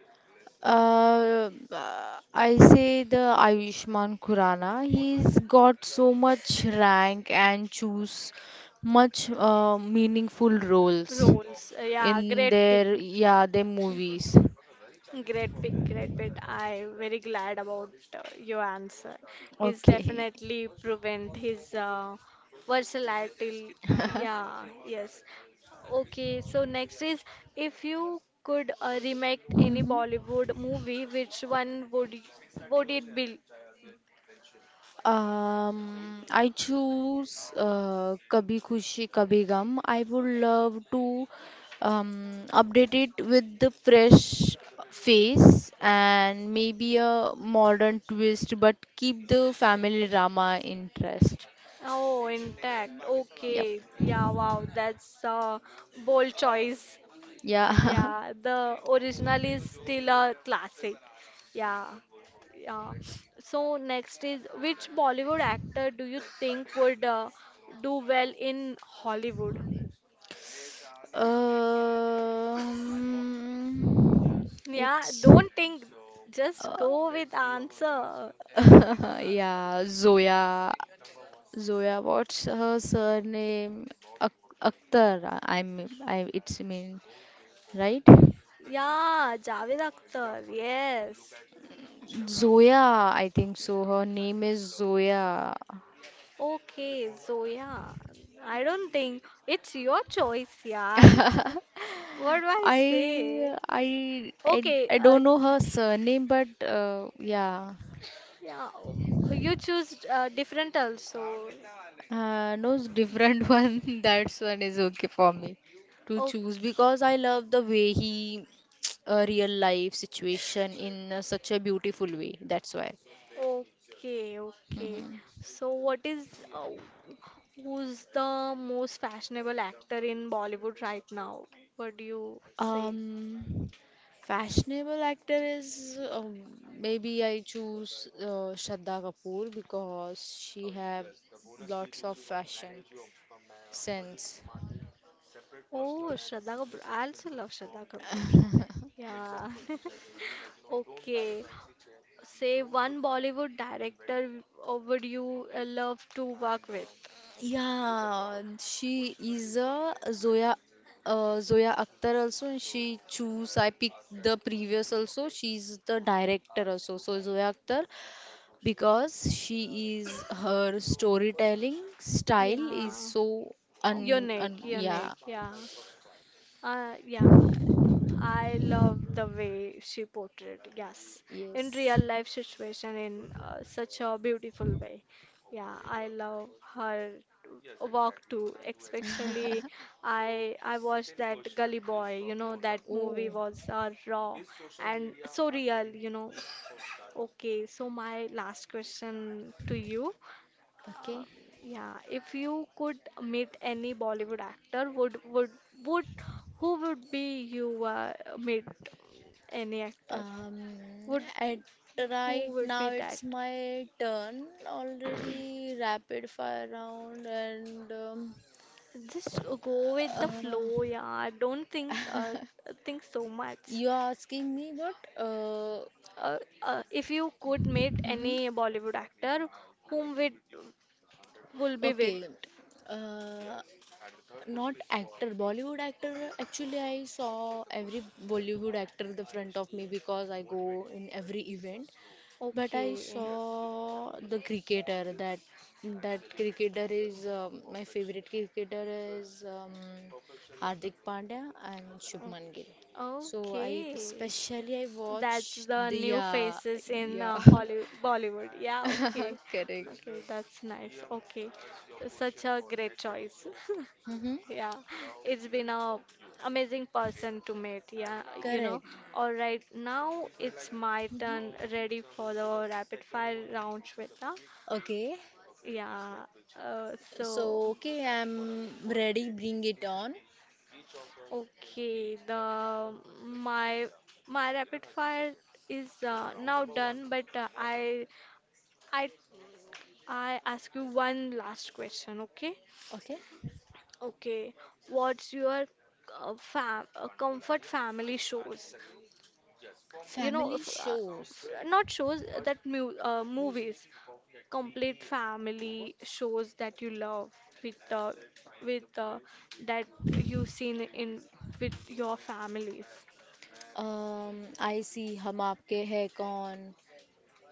Speaker 2: Uh, uh, I say the Ayushmann Khurrana. He's got so much rank and choose much uh, meaningful roles
Speaker 1: Roles, yeah,
Speaker 2: in
Speaker 1: great pick.
Speaker 2: their, yeah, their movies.
Speaker 1: Great pick, great pick. I'm very glad about uh, your answer. He's
Speaker 2: Okay.
Speaker 1: definitely proven his uh, versatility.
Speaker 2: [laughs]
Speaker 1: Yeah, yes. Okay, so next is if you could uh, remake any
Speaker 2: Mhm.
Speaker 1: Bollywood movie, which one would y- would it be?
Speaker 2: Um, I choose uh, Kabhi Khushi Kabhi Gum. I would love to um, update it with the fresh face and maybe a modern twist, but keep the family drama interest.
Speaker 1: Oh, intact.
Speaker 2: Yep.
Speaker 1: Okay. Yeah, wow. That's a bold choice.
Speaker 2: Yeah. [laughs]
Speaker 1: Yeah, the original is still a classic. Yeah. Yeah. So next is which Bollywood actor do you think would uh, do well in Hollywood?
Speaker 2: Um,
Speaker 1: Yeah,
Speaker 2: it's
Speaker 1: don't think, just
Speaker 2: uh,
Speaker 1: go with answer.
Speaker 2: [laughs] yeah, Zoya. Zoya, what's her surname? Ak Akhtar, I mean, I, it's mean, right?
Speaker 1: Yeah, Javed Akhtar, yes.
Speaker 2: Zoya, I think so. Her name is Zoya.
Speaker 1: Okay, so yeah, I don't think it's your choice, yaar. What do I say?
Speaker 2: I, I, I,
Speaker 1: Okay,
Speaker 2: I
Speaker 1: uh,
Speaker 2: don't know her surname, but uh, yeah,
Speaker 1: yeah, you choose uh, different also.
Speaker 2: uh, no it's different [laughs] one. That's one is okay for me to choose
Speaker 1: Okay.
Speaker 2: because I love the way he [tsk] a real life situation in uh, such a beautiful way. That's why.
Speaker 1: Okay, okay. So what is uh, who's the most fashionable actor in Bollywood right now? What do you say?
Speaker 2: Um, Fashionable actor is um, maybe I choose uh, Shraddha Kapoor because she have lots of fashion sense.
Speaker 1: Oh, Shraddha Kapoor. I also love Shraddha Kapoor. Yeah. [laughs] Okay. Say one Bollywood director uh, would you uh, love to work with?
Speaker 2: Yeah, she is a Zoya uh, Zoya Akhtar also, and she choose. I picked the previous also. She's the director also. So Zoya Akhtar because she is her storytelling style is
Speaker 1: Yeah.
Speaker 2: so un,
Speaker 1: Unique,
Speaker 2: un yeah
Speaker 1: unique. Yeah. Uh, yeah. I love the way she portrayed, yes, in
Speaker 2: yes.
Speaker 1: real life situation in uh, such a beautiful way. Yeah, I love her walk too, especially I I watched that Gully Boy, you know, that movie
Speaker 2: Oh.
Speaker 1: was uh, raw and so real, you know. Okay, so my last question to you. Um,
Speaker 2: Okay.
Speaker 1: yeah, if you could meet any Bollywood actor, would would would who would be you uh, meet any actor
Speaker 2: Um,
Speaker 1: would
Speaker 2: at
Speaker 1: who
Speaker 2: right
Speaker 1: would be
Speaker 2: now
Speaker 1: that?
Speaker 2: it's my turn. Already rapid fire round, and um,
Speaker 1: Just go with the
Speaker 2: uh,
Speaker 1: flow, yeah. Don't think uh, think so much.
Speaker 2: you are asking me what? Uh,
Speaker 1: Uh, uh, if you could meet
Speaker 2: mhm.
Speaker 1: any Bollywood actor, whom would will be with?
Speaker 2: Okay. Uh, not actor, Bollywood actor. Actually, I saw every Bollywood actor in the front of me because I go in every event. But I
Speaker 1: Okay.
Speaker 2: saw the cricketer that that cricketer is um, my favorite cricketer is um, Hardik Pandya and Shubman Gill.
Speaker 1: Okay.
Speaker 2: So I
Speaker 1: Okay.
Speaker 2: especially I
Speaker 1: That's
Speaker 2: watched
Speaker 1: the
Speaker 2: the
Speaker 1: new
Speaker 2: yeah
Speaker 1: faces in
Speaker 2: yeah.
Speaker 1: uh, Hollywood, Bollywood. Yeah, okay.
Speaker 2: [laughs] Correct.
Speaker 1: Okay, that's nice. Okay. Such a great choice. [laughs]
Speaker 2: Mm-hmm.
Speaker 1: Yeah, it's been a amazing person to meet. Yeah, you know.
Speaker 2: Correct.
Speaker 1: All right, now it's my turn. Ready for the rapid fire round, Shweta?
Speaker 2: Okay,
Speaker 1: Yeah. Uh,
Speaker 2: so
Speaker 1: so.
Speaker 2: okay, I'm ready, bring it on.
Speaker 1: Okay, the my my rapid fire is uh, now done, but uh, I I I ask you one last question, okay?
Speaker 2: Okay,
Speaker 1: Okay, what's your uh, fam uh, comfort family shows? You know,
Speaker 2: family
Speaker 1: if, uh, f
Speaker 2: shows,
Speaker 1: not shows uh, that mu uh, movies, complete family shows that you love with uh, with uh, that you seen in with your families.
Speaker 2: um, I see Hum Aapke Hai Kaun,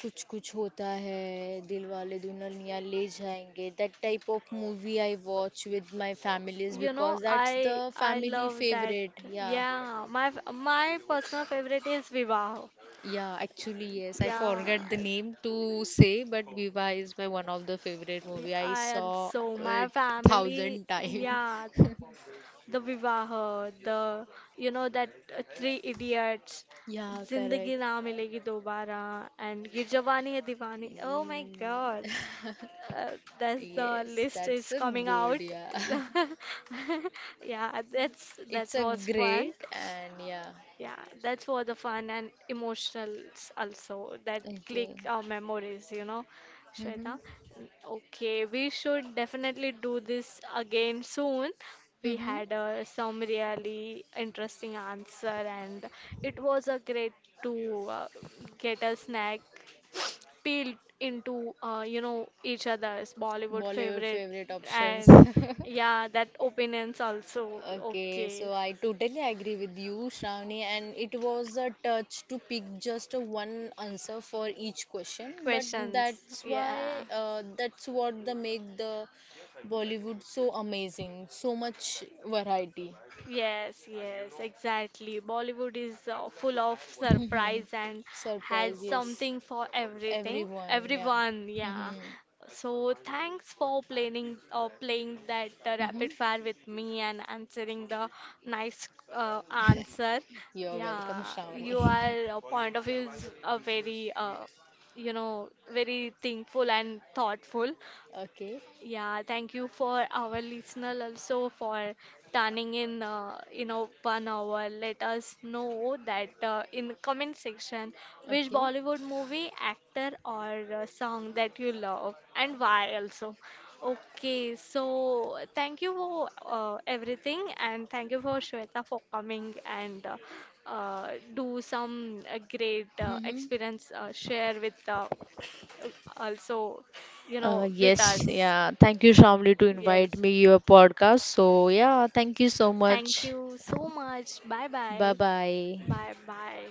Speaker 2: कुछ कुछ होता है दिलवाले दुल्हनिया ले जाएंगे, that type of movie I watch with my families
Speaker 1: You know,
Speaker 2: because that's the
Speaker 1: I I
Speaker 2: family
Speaker 1: love that.
Speaker 2: favorite. Yeah,
Speaker 1: Yeah, my f- my personal favorite is Vivaho.
Speaker 2: yeah, actually yes, I
Speaker 1: Yeah,
Speaker 2: forget the name to say, but Viva is my one of the favorite movie. I
Speaker 1: I
Speaker 2: saw
Speaker 1: also my
Speaker 2: it
Speaker 1: family.
Speaker 2: thousand times.
Speaker 1: Yeah,
Speaker 2: [laughs]
Speaker 1: the Vivaho, the you know that uh, Three Idiots,
Speaker 2: Yeah,
Speaker 1: Zindagi
Speaker 2: correct.
Speaker 1: Na Milegi Dobara, and Ye Jawani Hai Diwani. Oh my God, uh, that's the
Speaker 2: Yes,
Speaker 1: list is
Speaker 2: that's a
Speaker 1: coming out.
Speaker 2: good, yeah.
Speaker 1: [laughs] Yeah, that's
Speaker 2: [laughs] It's
Speaker 1: that
Speaker 2: a
Speaker 1: was fun.
Speaker 2: great and yeah.
Speaker 1: Yeah, that's for the fun and emotionals also that click
Speaker 2: Okay.
Speaker 1: our memories, you know, Shweta.
Speaker 2: Mm-hmm.
Speaker 1: Okay, we should definitely do this again soon. We
Speaker 2: Mm-hmm.
Speaker 1: had uh, some really interesting answer and it was a great to uh, get a snack peeled into uh, you know each other's Bollywood
Speaker 2: Bollywood
Speaker 1: favorite
Speaker 2: favorite options.
Speaker 1: and
Speaker 2: [laughs]
Speaker 1: yeah, that opinions also.
Speaker 2: Okay,
Speaker 1: Okay,
Speaker 2: so I totally agree with you, Shravani, and it was a touch to pick just a one answer for each question, but
Speaker 1: questions.
Speaker 2: that's
Speaker 1: Yeah.
Speaker 2: why uh, that's what the make the Bollywood so amazing, so much variety.
Speaker 1: Yes, yes, exactly. Bollywood is uh, full of surprise and has
Speaker 2: Surprise, yes.
Speaker 1: something for everything,
Speaker 2: Everyone, yeah.
Speaker 1: everyone. Yeah.
Speaker 2: Mm-hmm.
Speaker 1: So thanks for playing uh, playing that uh,
Speaker 2: Mm-hmm.
Speaker 1: rapid fire with me and answering the nice uh, answer.
Speaker 2: [laughs] You're
Speaker 1: Yeah,
Speaker 2: welcome, Shravani.
Speaker 1: your point of view is uh, very uh, you know very thankful and thoughtful.
Speaker 2: [laughs] Okay,
Speaker 1: Yeah, thank you for our listener also for turning in, uh, you know, one hour. Let us know that uh, in the comment section which
Speaker 2: okay.
Speaker 1: Bollywood movie, actor, or uh, song that you love and why also. Okay, so thank you for uh, everything and thank you for Shweta for coming and uh, uh, do some uh, great uh,
Speaker 2: Mm-hmm.
Speaker 1: experience uh, share with uh, also, you
Speaker 2: Uh,
Speaker 1: know, with
Speaker 2: yes,
Speaker 1: us.
Speaker 2: yeah. Thank you, Shamli, to invite
Speaker 1: Yes.
Speaker 2: me your podcast. So yeah, thank you so
Speaker 1: Thank
Speaker 2: much.
Speaker 1: you so much. Bye
Speaker 2: Bye
Speaker 1: bye.
Speaker 2: bye.
Speaker 1: Bye bye.